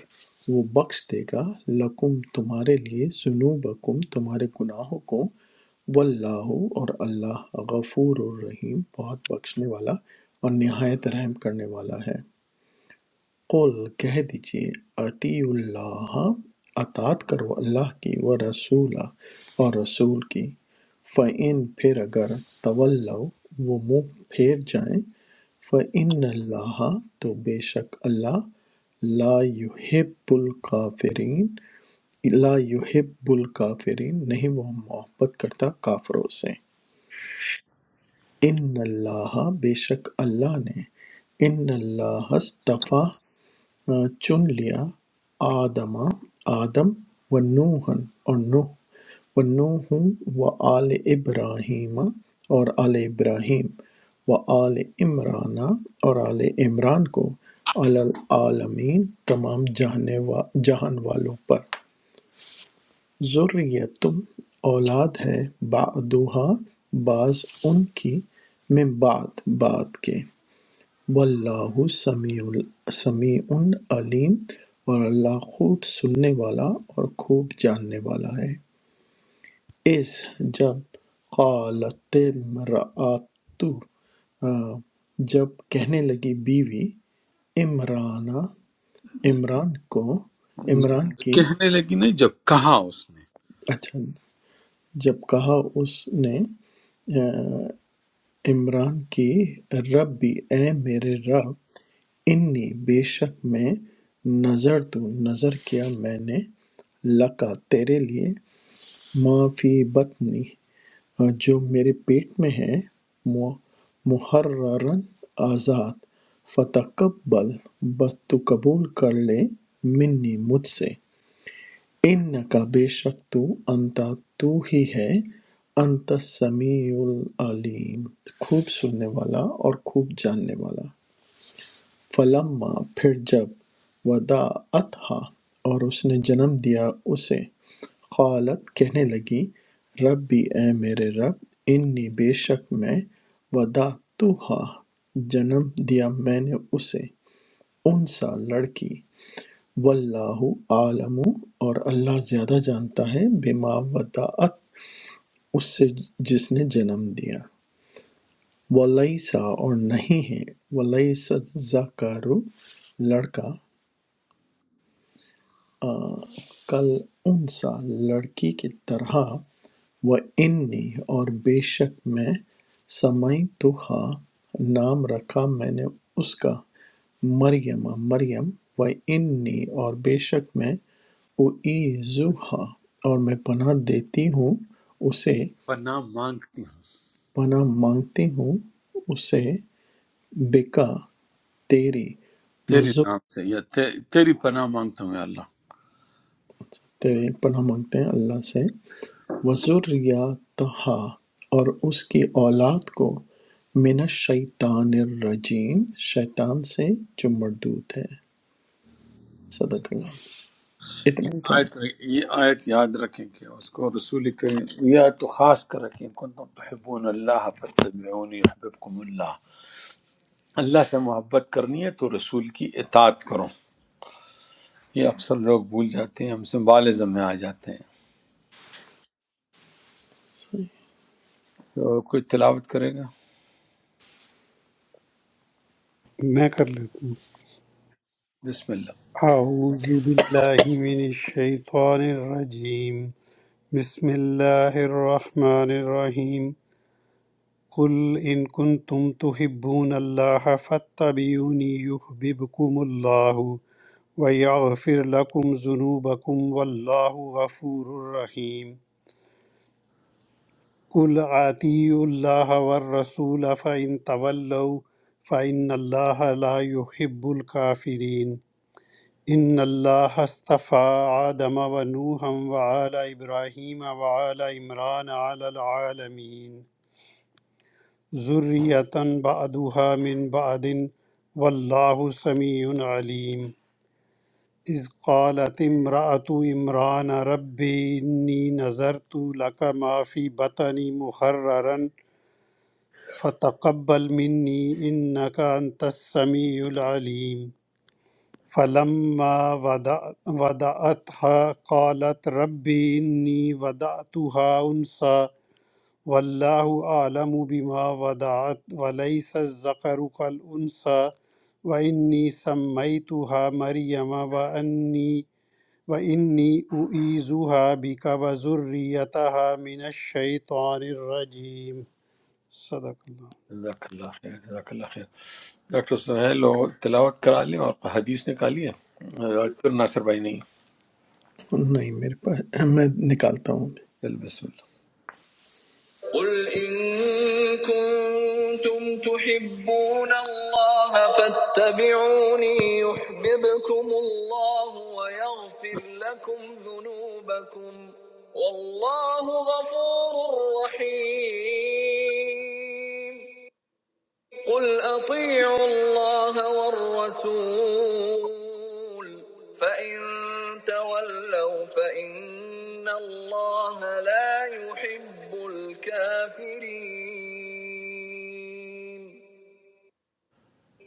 S7: وہ بخش دے گا لَكُمْ تمہارے لیے ذُنُوبَكُمْ تمہارے گناہوں کو واللہ اور اللہ غفور الرحیم بہت بخشنے والا اور نہایت رحم کرنے والا ہے قل کہہ دیجئے اطیعوا اللہ اطاعت کرو اللہ کی و رسول اور رسول کی فعن پھر اگر طلو وہ منہ پھیر جائیں فعن اللہ تو بے شک اللہ لا یحب الکافرین لا یحب الکافرین نہیں وہ محبت کرتا کافروں سے ان اللہ بے شک اللہ نے ان اللہ استفا چن لیا آدما آدم ونوحًا اور نوح ونوح وآل ابراہیم اور آل ابراہیم وآل عمران اور آل عمران کو علی العالمین تمام جہانے وا جہان والوں پر ذریتم اولاد ہے بعدوہا بعض ان کی میں بعد بعد کے واللہ سمیع سمیع علیم اور اللہ خوب سننے والا اور خوب جاننے والا ہے اس جب قالت امرأتو آ، جب کہنے لگی بیوی عمرانہ عمران کو عمران
S1: جب
S7: کی
S1: کہنے لگی نہیں جب کہا اس نے
S7: اچھا جب کہا اس نے آ، عمران کی ربی اے میرے رب انی بے شک میں نَظَرتُ نظر کیا میں نے لَکَ تیرے لیے مَا فِی بَطْنِی جو میرے پیٹ میں ہے مُحَرَّرًا آزاد فَتَقَبَّلْ بس تو قبول کر لے مِنِّی مجھ سے اِنَّکَ بے شک تو انتَ تو ہی ہے انتَ السَّمِیعُ العلیم خوب سننے والا اور خوب جاننے والا فلما پھر جب وداعتہا اور اس نے جنم دیا اسے قالت کہنے لگی ربی اے میرے رب انی بے شک میں وداعتہا جنم دیا میں نے اسے انسا لڑکی واللہ عالم اور اللہ زیادہ جانتا ہے بما وداعت اس سے جس نے جنم دیا ولیسا اور نہیں ہے ولیسا الذکر لڑکا کل انسا لڑکی کی طرح و انی اور بے شک میں سمئی تو ہا نام رکھا میں نے اس کا مریم مریم و انی اور بے شک میں او ہا اور میں پناہ دیتی ہوں اسے
S1: پناہ مانگتی ہوں
S7: پناہ مانگتی ہوں اسے بکا تیری
S1: تیرے
S7: وزر
S1: نام سے یا تے- تیری پناہ مانگتا ہوں یا اللہ
S7: تیرے پناہ مانگتے ہیں اللہ سے وَذُرِّيَّتَہَا اور اس کی اولاد کو مِنَ الشَّیطَانِ الرَّجِیمِ شیطان سے جو مردود ہے صدق اللہ العظیم۔
S1: یہ
S7: اتنا ہی تھا
S1: آیت یہ آیت یاد رکھیں کہ اس کو رسول کریم یہ آیت تو خاص کر رکھیں کن تم تحبون اللہ فتبعونی یحببکم اللہ اللہ سے محبت کرنی ہے تو رسول کی اطاعت کرو یہ اکثر لوگ بھول جاتے ہیں ہم سمبالزم میں آ جاتے ہیں تو کوئی تلاوت کرے گا
S3: میں کر لیتا ہوں
S1: بسم اللہ
S3: اعوذ باللہ من الشیطان الرجیم بسم اللہ الرحمن الرحیم قل ان کنتم تحبون اللہ فاتبعونی یحببکم اللہ وَيَغْفِرْ لَكُمْ ذُنُوبَكُمْ وَاللَّهُ غَفُورٌ رَّحِيمٌ قُلْ آتِيُوا اللَّهَ وَالرَّسُولَ فَإِن تَوَلَّوْا فَإِنَّ اللَّهَ لَا يُحِبُّ الْكَافِرِينَ إِنَّ اللَّهَ اصْطَفَى آدَمَ وَنُوحًا وَآلَ إِبْرَاهِيمَ وَآلَ عِمْرَانَ عَلَى الْعَالَمِينَ ذُرِّيَّةً بَعْضُهَا مِن بَعْضٍ وَاللَّهُ سَمِيعٌ عَلِيمٌ إذ قالت امرأة عمران رب إني نذرت لك ما في بطني محررا فتقبل مني إنك أنت السميع العليم فلما وضع- وضعتها قالت رب إني وضعتها أنثى والله أعلم بما وضعت وليس الذكر كالأنثى وإني سميتها مريم وأني وَإِنِّي أُعِيذُهَا بِكَ وَذُرِّيَّتَهَا مِنَ الشَّيْطَانِ الرَّجِيمِ صدق اللہ
S1: جزاک اللہ خیر جزاک اللہ خیر ڈاکٹر سہیل وہ تلاوت کرا لیں اور حدیث نکالی ہے آج پھر ناصر بھائی نہیں
S7: نہیں میرے پاس میں نکالتا ہوں
S1: چل بسم اللہ
S7: قل إن كنتم تحبون الله فاتبعوني يحببكم الله ويغفر لكم ذنوبكم والله غفور رحيم قل أطيعوا الله والرسول فإن تولوا فإن الله لا يحب الكافرين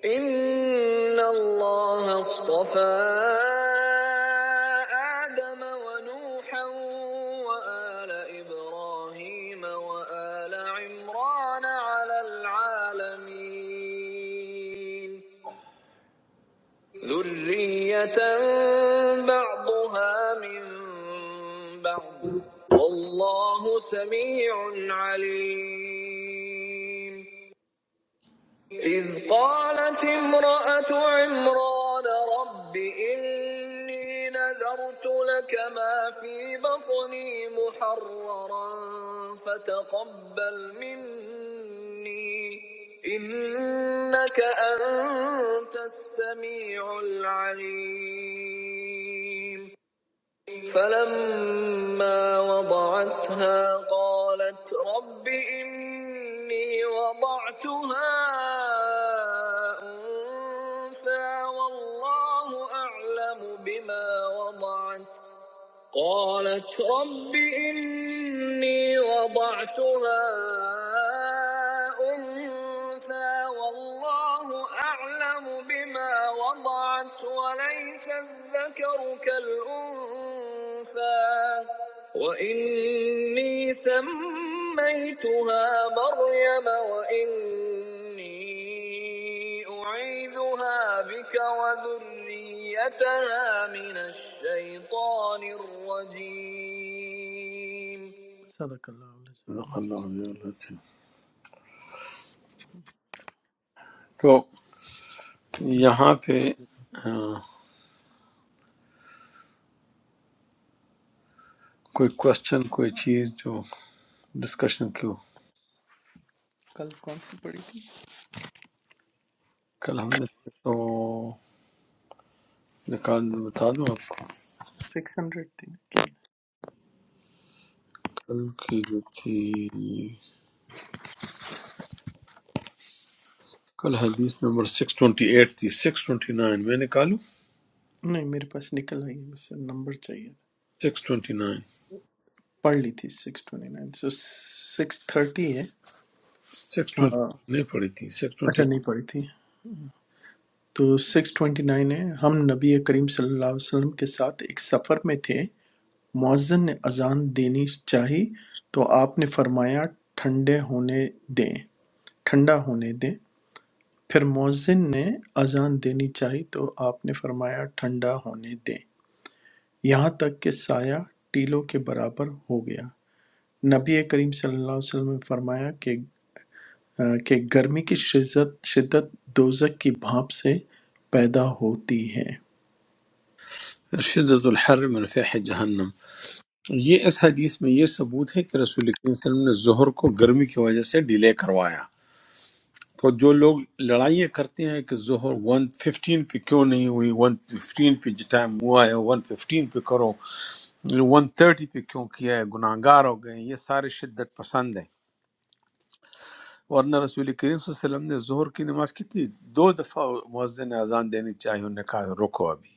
S7: إن الله اصطفى آدم ونوحا وآل إبراهيم وآل عمران على العالمين ذرية بعضها من بعض والله سميع عليم إذ قالت امرأة عمران رب إني نذرت لك ما في بطني محررا فتقبل مني إنك أنت السميع العليم فلما وضعتها قالت رب إني وضعتها أنثى والله أعلم بما وضعت قالت رب إني وضعتها أنثى والله أعلم بما وضعت وليس الذكر كالأنثى وإني سميتها مريم وإني أعيذها بك وذريتها من الشيطان الرجيم صدق اللہ العظیم
S1: صدق اللہ علیہ وسلم۔ تو یہاں پہ آ، کوئی کوشچن کوئی چیز جو ڈسکشن کی ہو
S7: کل کون سی پڑھی تھی
S1: کل ہم نے تو نکال بتا دوں آپ کو
S7: سکس ہنڈریڈ تھی نا؟ کیا
S1: کل کی جو تھی کل حدیث نمبر 628 تھی 629 میں نکالوں
S7: تھا؟ نہیں میرے پاس نکل آئی ہے بس نمبر چاہیے تھا
S1: 629
S7: پڑھ لی تھی six twenty nine so six thirty ہے
S1: 629
S7: ہاں،
S1: نہیں پڑی تھی
S7: اچھا
S1: 628
S7: نہیں پڑھی تھی تو سکس ٹوینٹی نائن ہے ہم نبی کریم صلی اللہ علیہ وسلم کے ساتھ ایک سفر میں تھے مؤذن نے اذان دینی چاہی تو آپ نے فرمایا ٹھنڈے ہونے دیں ٹھنڈا ہونے دیں پھر مؤذن نے اذان دینی چاہی تو آپ نے فرمایا ٹھنڈا ہونے دیں یہاں تک کہ سایہ ٹیلوں کے برابر ہو گیا نبی کریم صلی اللہ علیہ وسلم نے فرمایا کہ کہ گرمی کی شدت شدت دوزک کی بھاپ سے پیدا ہوتی ہے
S1: شدت الحر من فیح جہنم یہ اس حدیث میں یہ ثبوت ہے کہ رسول کریم صلی اللہ علیہ وسلم نے ظہر کو گرمی کی وجہ سے ڈیلے کروایا تو جو لوگ لڑائیاں کرتے ہیں کہ ظہر ون ففٹین پہ کیوں نہیں ہوئی ون ففٹین پہ جو ٹائم ہوا ہے ون ففٹین پہ کرو ون تھرٹی پہ کیوں کیا ہے گناہ گار ہو گئے ہیں، یہ سارے شدت پسند ہیں ورنہ رسول کریم صلی اللہ علیہ وسلم نے ظہر کی نماز کتنی دو دفعہ مؤذن نے اذان دینی چاہیے انہوں نے کہا روکو ابھی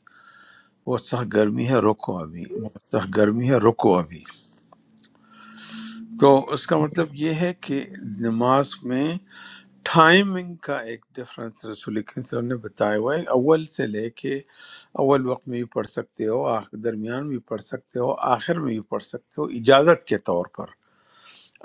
S1: وہ سخ گرمی ہے روکو ابھی وہ سخ گرمی ہے روکو ابھی تو اس کا مطلب یہ ہے کہ نماز میں ٹائمنگ کا ایک ڈفرنس رسول اللہ صلی اللہ علیہ وسلم نے بتایا ہوا ہے اول سے لے کے اول وقت میں بھی پڑھ سکتے ہو آخ- درمیان میں بھی پڑھ سکتے ہو آخر میں بھی پڑھ سکتے ہو اجازت کے طور پر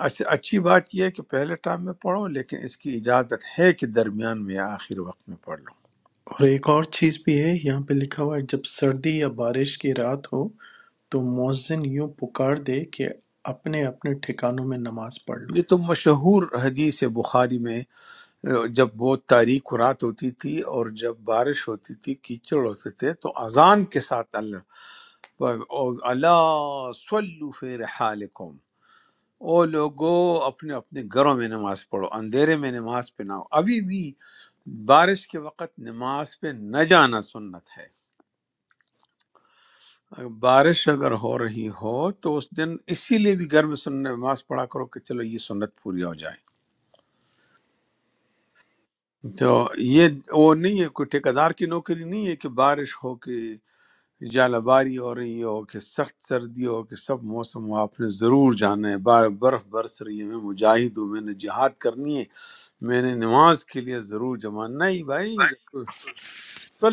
S1: اس- اچھی بات یہ ہے کہ پہلے ٹائم میں پڑھو لیکن اس کی اجازت ہے کہ درمیان میں یا آخر وقت میں پڑھ لو
S7: اور ایک اور چیز بھی ہے یہاں پہ لکھا ہوا ہے جب سردی یا بارش کی رات ہو تو مؤذن یوں پکار دے کہ اپنے اپنے ٹھکانوں میں نماز پڑھ لو
S1: یہ تو مشہور حدیث ہے بخاری میں جب بہت تاریک رات ہوتی تھی اور جب بارش ہوتی تھی کیچڑ ہوتے تھے تو اذان کے ساتھ اللہ اللہ صلو فی رحالکم او لوگو اپنے اپنے گھروں میں نماز پڑھو اندھیرے میں نماز پہ نہ ہو ابھی بھی بارش کے وقت نماز پہ نہ جانا سنت ہے اگر بارش اگر ہو رہی ہو تو اس دن اسی لیے بھی گھر میں سن نماز پڑھا کرو کہ چلو یہ سنت پوری ہو جائے تو یہ وہ نہیں ہے کوئی ٹھیکیدار کی نوکری نہیں ہے کہ بارش ہو کے جالہ باری ہو رہی ہو کہ سخت سردی ہو کہ سب موسم ہو آپ نے ضرور جانا ہے بار برف برس رہی ہے میں مجاہد ہوں میں نے جہاد کرنی ہے میں نے نماز کے لیے ضرور جمع نہیں بھائی رسول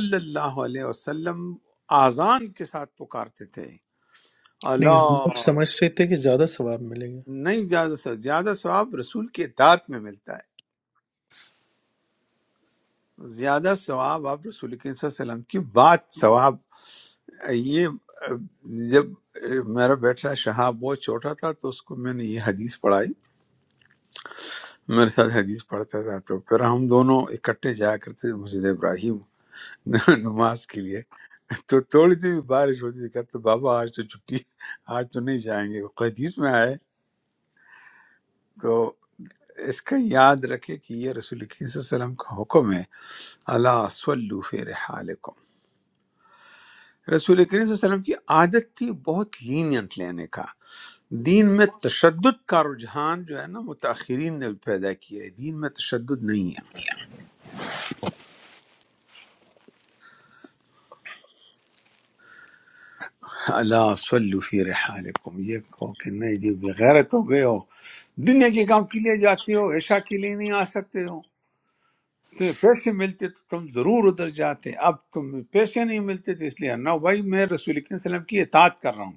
S1: صلی اللہ علیہ وسلم آزان کے ساتھ پکارتے تھے
S7: نہیں ہم لوگ
S1: اللہ
S7: سمجھتے تھے کہ زیادہ ثواب ملے گا
S1: نہیں زیادہ سے زیادہ ثواب رسول کے دعت میں ملتا ہے زیادہ ثواب آپ رسول کریم صلی اللہ علیہ وسلم کی بات ثواب یہ جب میرا بیٹا شہاب بہت چھوٹا تھا تو اس کو میں نے یہ حدیث پڑھائی میرے ساتھ حدیث پڑھتا تھا تو پھر ہم دونوں اکٹھے جایا کرتے تھے مسجد ابراہیم (laughs) نماز کے لیے تو تھوڑی دیر بھی بارش ہوتی تھی کہتے بابا آج تو چھٹی آج تو نہیں جائیں گے حدیث میں آئے تو اس کا یاد رکھے کہ یہ رسول کریم صلی اللہ علیہ وسلم کا حکم ہے اللہ صلو فی رحالکم رسول کریم صلی اللہ علیہ وسلم کی عادت تھی بہت لینینٹ لینے کا دین میں تشدد کا رجحان جو ہے نا متاخرین نے پیدا کیا ہے دین میں تشدد نہیں ہے اللہ صلو فی رحالکم یہ کہو کہ نہیں جی بغیرت ہو گئے ہو دنیا کے کام کے لیے جاتے ہو عشاء کے لیے نہیں آ سکتے ہو تو پیسے ملتے تو تم ضرور ادھر جاتے اب تم پیسے نہیں ملتے تو اس لیے نہ بھائی میں رسول کریم صلی اللہ علیہ وسلم کی اطاعت کر رہا ہوں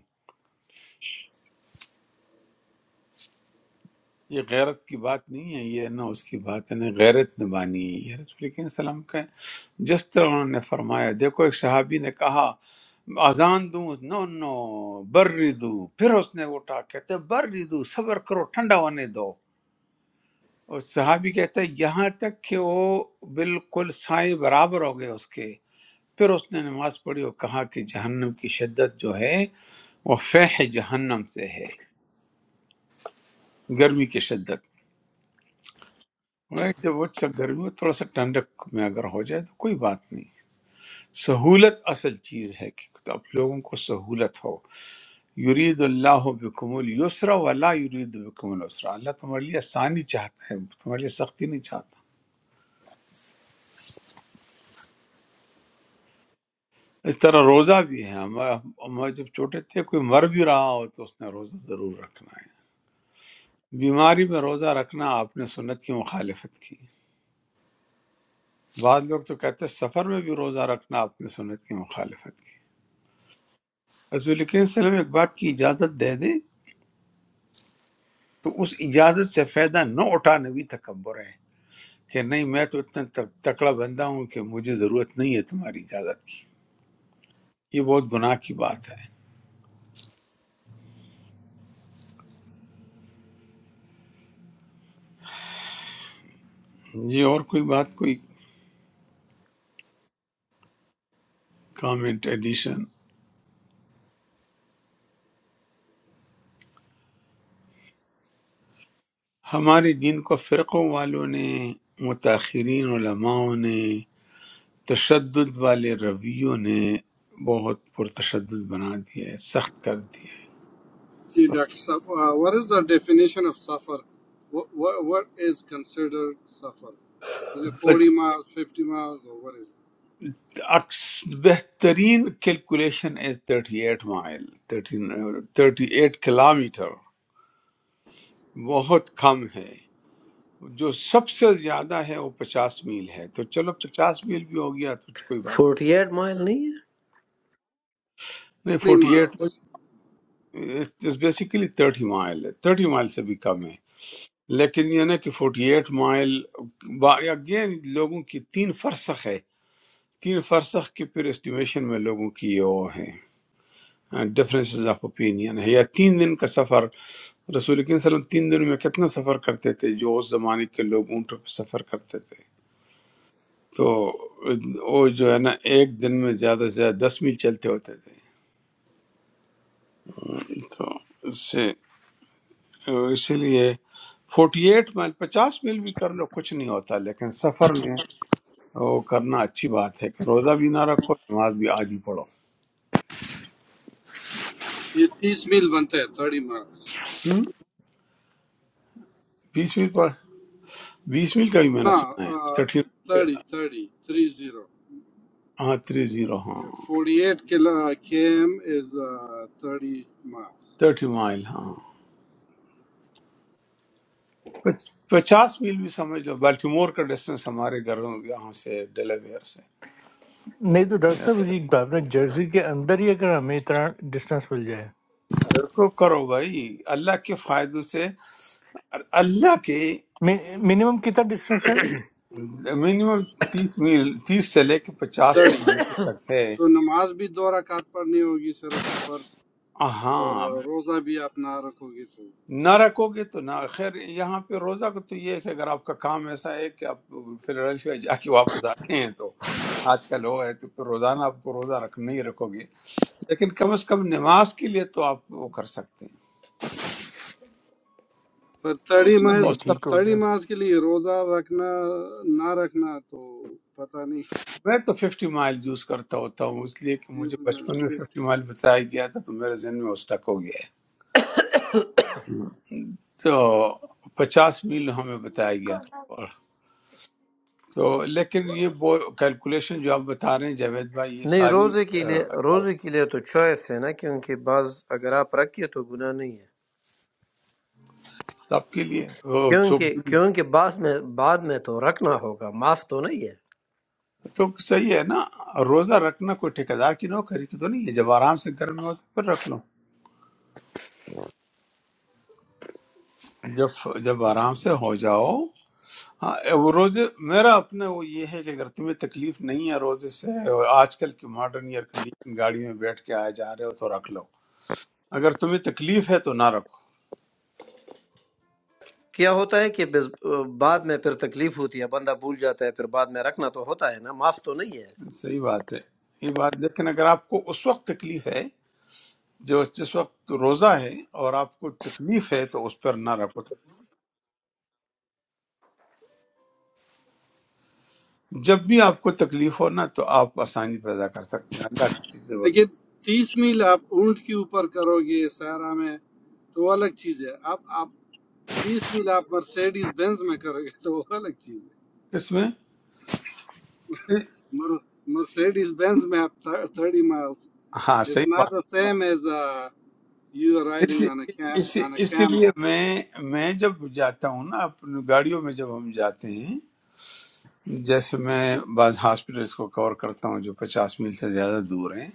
S1: یہ غیرت کی بات نہیں ہے یہ نہ اس کی بات ہے نہ غیرت نبانی ہے یہ رسول کریم صلی اللہ علیہ وسلم کا ہے۔ جس طرح انہوں نے فرمایا دیکھو ایک صحابی نے کہا اذان دوں نو نو بری دوں پھر اس نے اٹھا کہتے بری دوں صبر کرو ٹھنڈا ہونے دو اور صحابی کہتا ہے یہاں تک کہ وہ بالکل سائے برابر ہو گئے اس کے پھر اس نے نماز پڑھی اور کہا کہ جہنم کی شدت جو ہے وہ فہ جہنم سے ہے گرمی کی شدت میں جب وہ سا گرمی میں تھوڑا سا ٹھنڈک میں اگر ہو جائے تو کوئی بات نہیں سہولت اصل چیز ہے کہ آپ لوگوں کو سہولت ہو یرید اللہ بکم السر ولا یرید بکم السرا اللہ تمہارے لیے آسانی چاہتا ہے تمہارے لیے سختی نہیں چاہتا اس طرح روزہ بھی ہے ہم ہم جب چھوٹے تھے کوئی مر بھی رہا ہو تو اس نے روزہ ضرور رکھنا ہے بیماری میں روزہ رکھنا آپ نے سنت کی مخالفت کی بعض لوگ تو کہتے ہیں سفر میں بھی روزہ رکھنا آپ نے سنت کی مخالفت کی رسول کریم صلی اللہ علیہ وسلم ایک بات کی اجازت دے دے تو اس اجازت سے فائدہ نہ اٹھانا بھی تکبر ہے کہ نہیں میں تو اتنا تک- تکڑا بندہ ہوں کہ مجھے ضرورت نہیں ہے تمہاری اجازت کی یہ بہت گناہ کی بات ہے جی اور کوئی بات کوئی کامنٹ ایڈیشن ہمارے دین کو فرقوں والوں نے متاخرین علماؤں نے تشدد والے رویوں نے بہت پرتشدد بنا دیا ہے سخت کر دیا
S6: See, Dr. Saf, uh, what is the definition of suffer? What, what, what is considered suffer? Is it
S1: ہے
S6: 40 miles, 50 miles, or what is it?
S1: اکس- بہترین کیلکولیشن از 38 مائل 13 38 کلومیٹر بہت کم ہے جو سب سے زیادہ ہے وہ پچاس میل ہے تو چلو پچاس میل بھی ہو گیا تو کوئی بات نہیں
S2: فورٹی ایٹ مائل نہیں ہے
S1: نہیں
S6: 30
S1: forty eight
S6: miles.
S1: Basically thirty mile ہے تھرٹی مائل سے بھی کم ہے لیکن یہ نا کہ فورٹی ایٹ مائل اگین لوگوں کی تین فرسخ ہے تین فرسخ کی پھر اسٹیمیشن میں لوگوں کی یہ وہ ہے ڈفرینسز آف اوپینین ہے یا تین دن کا سفر رسول کریم صلی اللہ علیہ وسلم تین دن میں کتنا سفر کرتے تھے جو اس زمانے کے لوگ اونٹوں پہ سفر کرتے تھے تو وہ جو ہے نا ایک دن میں زیادہ سے زیادہ دس میل چلتے ہوتے تھے تو اس سے اسی لیے فورٹی ایٹ میل پچاس میل بھی کر لو کچھ نہیں ہوتا لیکن سفر میں وہ کرنا اچھی بات ہے کہ روزہ بھی نہ رکھو نماز بھی آدھی پڑھو
S6: It is meal bante hai, 30 miles.
S1: ہم؟ بیس میل پڑھ بیس میل کا بھی میں نے
S6: No,
S1: سنا ہے
S6: uh,
S1: تھرٹی
S6: 30, 30, 30.
S1: ہاں تھری زیرو ہاں
S6: Yeah, 48 kilo, uh, km is uh, 30 miles.
S1: Thirty mile ہاں پچ- پچاس میل بھی سمجھ لو بالٹیمور کا ڈسٹینس ہمارے گھروں یہاں سے ڈیلاویئر سے
S5: نہیں تو ڈاکٹر صاحب یہ آپ نے جرسی کے اندر ہی اگر ہمیں اتنا ڈسٹینس مل جائے
S1: بالکل کرو بھائی اللہ کے فائدوں سے اور اللہ کے
S5: می- منیمم کتنا ڈسٹینس ہے
S1: منیمم تیس میل تیس سے لے کے پچاس
S6: 30.
S1: کلو میٹر تک ہے
S6: तो नमाज भी दो रकात पढ़नी होगी सिर्फ Or
S1: ہاں
S6: roza bi ap na rakogi to.
S1: نہ رکھو گے تو نہ خیر یہاں پہ روزہ کا تو یہ ہے کہ اگر آپ کا کام ایسا ہے کہ آپ فلڈلفیا جا کے واپس آتے ہیں تو آج کل وہ ہے تو پھر روزانہ آپ کو روزہ رکھ نہیں رکھو گے لیکن کم از کم نماز کے لیے تو آپ وہ کر سکتے ہیں
S6: But thirty
S1: اور
S5: نہیں
S6: miles,
S1: سر
S5: ٹھیک ہو
S6: thirty
S5: گیا
S6: miles keli roza rakna na rakna to patani.
S1: میں تو ففٹی مائل یوز کرتا ہوتا ہوں اس لیے کہ مجھے بچپن میں
S6: Fifty.
S1: ففٹی مائل بتایا گیا تھا تو میرے ذہن میں وہ اسٹک ہو گیا ہے ہوں۔ تو پچاس میل ہمیں بتایا گیا تھا اور تو لیکن یہ وہ کیلکولیشن جو آپ بتا رہے ہیں جاوید بھائی یہ
S2: نہیں
S1: ساری
S2: روزے کے لیے
S1: آ،
S2: روزے کے لیے تو چوائس ہے نا کیونکہ بعض اگر آپ رکھیے تو گناہ نہیں ہے
S1: سب کے لیے وہ
S2: کیونکہ
S1: سب-
S2: کیونکہ بعض میں بعد میں تو رکھنا ہوگا معاف تو نہیں ہے
S1: تو صحیح ہے نا روزہ رکھنا کوئی ٹھیکیدار کی نوکری کی تو نہیں ہے جب آرام سے گھر میں ہو تو پھر رکھ لو جب جب آرام سے ہو جاؤ ہاں وہ روزے میرا اپنا وہ یہ ہے کہ اگر تمہیں تکلیف نہیں ہے روزے سے اور آج کل کی ماڈرن ایئر کنڈیشن گاڑی میں بیٹھ کے آئے جا رہے ہو تو رکھ لو اگر تمہیں تکلیف ہے تو نہ رکھو
S2: کیا ہوتا ہے کہ بز- بعد میں پھر تکلیف ہوتی ہے بندہ بھول جاتا ہے پھر بعد میں رکھنا تو ہوتا ہے نا معاف تو نہیں ہے
S1: صحیح بات ہے یہ بات لیکن اگر آپ کو اس وقت تکلیف ہے جو جس وقت روزہ ہے اور آپ کو تکلیف ہے تو اس پر نہ رکھو جب بھی آپ کو تکلیف ہو نا تو آپ آسانی پیدا کر سکتے ہیں اللہ کی چیز
S6: But
S1: زبردست
S6: thirty mil ap unti upper karogi saara me to alag chiz hai. Ap ap thirty mil ap Mercedes Benz me karogi to wo alag chiz hai.
S1: کس میں
S6: Mer Mercedes Benz me ap thirty miles.
S1: ہاں
S6: It's
S1: صحیح
S6: not the same as you
S1: us
S6: riding on a
S1: us
S6: on a
S1: us
S6: camel.
S1: لیے میں میں جب جاتا ہوں نا اپنی گاڑیوں میں جب ہم جاتے ہیں جیسے میں بعض ہاسپٹلس کو کور کرتا ہوں جو پچاس میل سے زیادہ دور ہیں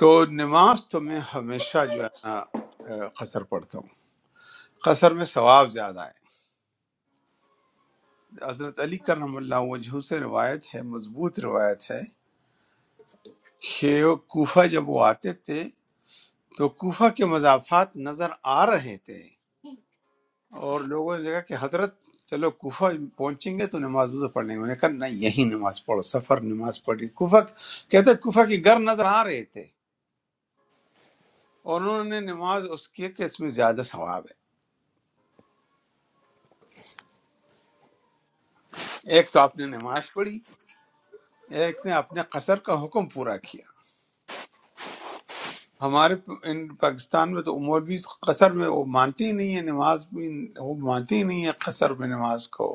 S1: تو نماز تو میں ہمیشہ جو ہے نا اے، قصر پڑھتا ہوں قصر میں ثواب زیادہ ہے حضرت علی کرم اللہ وجہ سے روایت ہے مضبوط روایت ہے کہ وہ کوفہ جب وہ آتے تھے تو کوفہ کے مضافات نظر آ رہے تھے اور لوگوں نے کہا کہ حضرت چلو کوفہ پہنچیں گے تو نماز وضو پڑھ لیں گے انہوں نے کہا نہیں یہی نماز پڑھو سفر نماز پڑھی کوفہ کہتے ہیں کوفہ کے گھر نظر آ رہے تھے اور انہوں نے نماز اس کی کہ اس میں زیادہ ثواب ہے ایک تو آپ نے نماز پڑھی ایک نے اپنے قصر کا حکم پورا کیا ہمارے پ- ان پاکستان میں تو مولوی قصر میں وہ مانتے ہی نہیں ہے نماز بھی وہ مانتے ہی نہیں ہے قصر میں نماز کو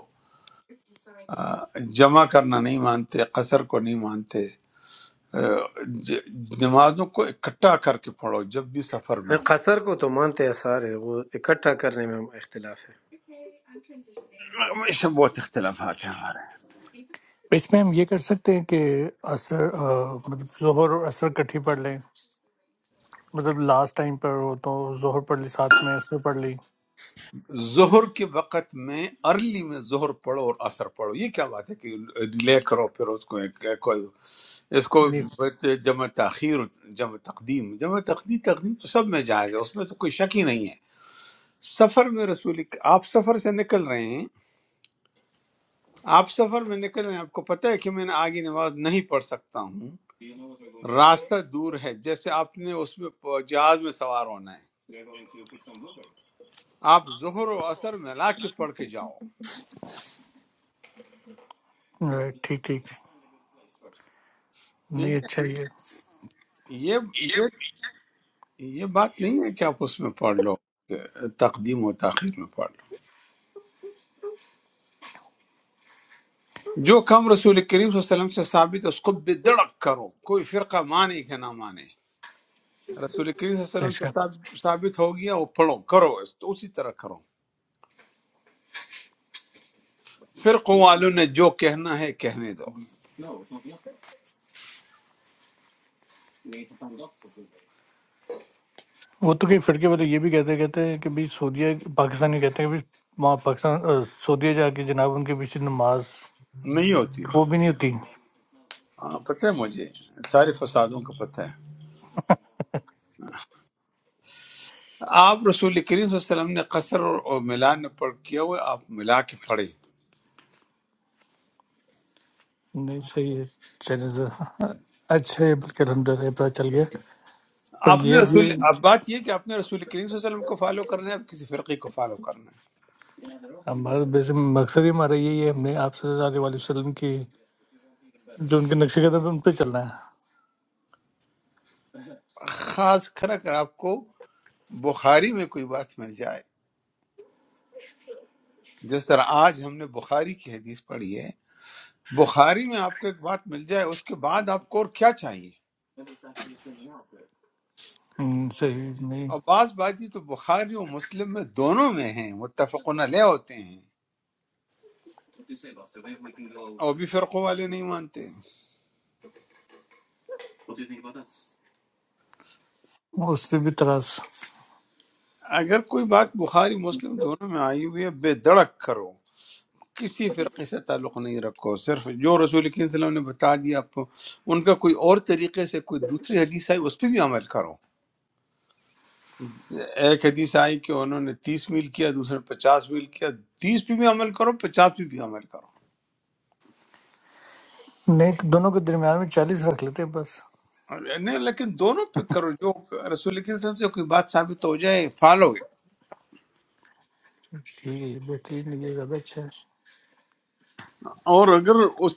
S1: آ، جمع کرنا نہیں مانتے قصر کو نہیں مانتے ج- نمازوں کو اکٹھا کر کے پڑھو جب بھی سفر میں
S2: قصر کو تو مانتے ہیں سارے وہ اکٹھا کرنے میں اختلاف ہے
S1: ہو ہمیشہ بہت اختلافات ہیں ہمارے
S5: اس میں ہم یہ کر سکتے ہیں کہ اثر آ، مطلب ظہر اور اثر کٹھی پڑھ لیں مطلب لاسٹ ٹائم پر ہو تو ظہر پڑھ لی ساتھ میں اثر پڑھ لی
S1: ظہر کے وقت میں ارلی میں ظہر پڑھو اور اثر پڑھو یہ کیا بات ہے کہ ڈیلے کرو پھر اس کو ایک- ایک- کوئی- اس کو
S5: نہیں
S1: جمع تاخیر جمع تقدیم جمع تقدیم تقدیم تو سب میں جائز ہے اس میں تو کوئی شک ہی نہیں ہے سفر میں رسول اک- آپ سفر سے نکل رہے ہیں آپ سفر میں نکل رہے ہیں آپ کو پتہ ہے کہ میں نے آگے نماز نہیں پڑھ سکتا ہوں راستہ دور ہے جیسے آپ نے اس میں جہاز میں سوار ہونا ہے آپ ظہر و اثر ملا کے پڑھ کے جاؤ
S5: آہ، ٹھیک ٹھیک نہیں
S1: ٹھیک ہے
S5: اچھا یہ
S1: یہ یہ یہ بات نہیں ہے کہ آپ اس میں پڑھ لو تقدیم و تاخیر میں پڑھ لو جو کم رسول کریم صلی اللہ علیہ وسلم سے ثابت ہے اس کو بے دڑک کرو کوئی فرقہ مانے کہ نہ مانے رسول کریم صلی اللہ علیہ وسلم سے
S5: اچھا
S1: ثاب- ثابت ہو گیا وہ پڑھو کرو اس تو اسی طرح کرو فرقوں والوں نے جو کہنا ہے کہنے دو
S5: وہ تو کئی فرقے والے یہ بھی کہتے کہتے ہیں کہ بھائی سعودیہ پاکستانی کہتے ہیں کہ بھائی وہاں پاکستان آہ، سعودیہ جا کے جناب ان کے پیچھے نماز
S1: نہیں ہوتی ہو
S5: وہ بھی نہیں ہوتی
S1: ہاں، پتہ ہے مجھے سارے فسادوں کا پتہ ہے آپ رسول کریم صلی اللہ علیہ وسلم نے قصر اور اور ملان میں پڑھ کیا ہوا ہے، آپ ملا کے پڑھے
S5: نہیں صحیح ہے چلیں ذرا اچھا ہے بلکہ الحمد للہ پتہ چل گیا پر
S1: آپ
S5: یہ
S1: نے
S5: اب
S1: رسول
S5: یہ
S1: اب بات یہ ہے کہ آپ نے رسول کریم صلی اللہ علیہ وسلم کو فالو کرنا ہے آپ کسی فرقے کو فالو کرنا ہے
S5: ہمارا ویسے مقصد ہی ہمارا یہی ہے ہم نے آپ صلی اللہ علیہ وسلم کی جو ان کے نقش قدم پہ ان پہ چلنا ہے
S1: خاص کر اگر آپ کو بخاری میں کوئی بات مل جائے جس طرح آج ہم نے بخاری کی حدیث پڑھی ہے بخاری میں آپ کو ایک بات مل جائے اس کے بعد آپ کو اور کیا چاہیے
S5: ہم، صحیح نہیں
S1: اور بعض بات یہ تو بخاری اور مسلم میں دونوں میں ہیں متفقن علیہ ہوتے ہیں اور بھی فرقوں والے نہیں مانتے
S5: اس پہ بھی تراس
S1: اگر کوئی بات بخاری مسلم دونوں میں آئی ہوئی ہے بے دڑک کرو کسی فرقے سے تعلق نہیں رکھو صرف جو رسول کریم صلی اللہ علیہ وسلم نے بتا دیا آپ کو ان کا کوئی اور طریقے سے کوئی دوسری حدیث آئی اس پہ بھی عمل کرو ایک حدیث آئی کہ انہوں نے تیس میل کیا دوسرے نے پچاس میل کیا تیس پہ بھی عمل کرو پچاس پہ بھی عمل
S5: نہیں تو دونوں کے درمیان میں چالیس رکھ لیتے ہیں بس
S1: کرو نہیں لیکن دونوں پہ کرو جو رسول کریم صلی اللہ علیہ وسلم سے کوئی بات ثابت ہو جائے فالو
S5: ٹھیک ہے یہ بہترین لگے گا زیادہ اچھا ہے
S1: اور اگر اس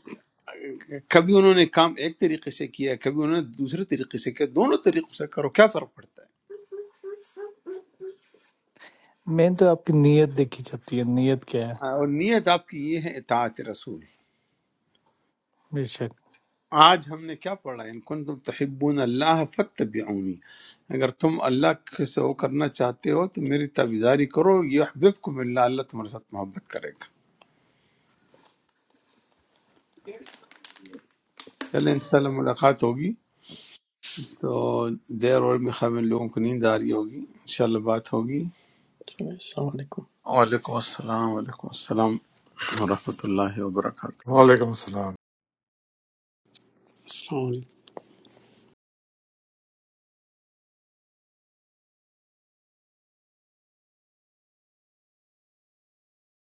S1: کبھی انہوں نے کام ایک طریقے سے کیا ہے کبھی انہوں نے دوسرے طریقے سے کیا دونوں طریقوں سے کرو کیا فرق پڑتا
S5: میں تو آپ کی نیت دیکھی جاتی ہے نیت کیا ہے
S1: ہے اور نیت آپ کی یہ ہے اطاعت رسول
S5: بے شک
S1: آج ہم نے کیا پڑھا ان کن تم تحبون اللہ فتبعونی اگر تم اللہ کے سے وہ کرنا چاہتے ہو تو میری تابعداری کرو یہ احببکم اللہ اللہ تمہارے ساتھ محبت کرے گا چلیں انشاءاللہ ملاقات ہوگی تو دیر اور بھی خواہ ان لوگوں کو نیند آ رہی ہوگی انشاءاللہ بات ہوگی
S7: چلیں، السلام علیکم
S1: وعلیکم السلام وعلیکم السلام ورحمۃ اللہ وبرکاتہ
S4: وعلیکم السلام
S3: السلام علیکم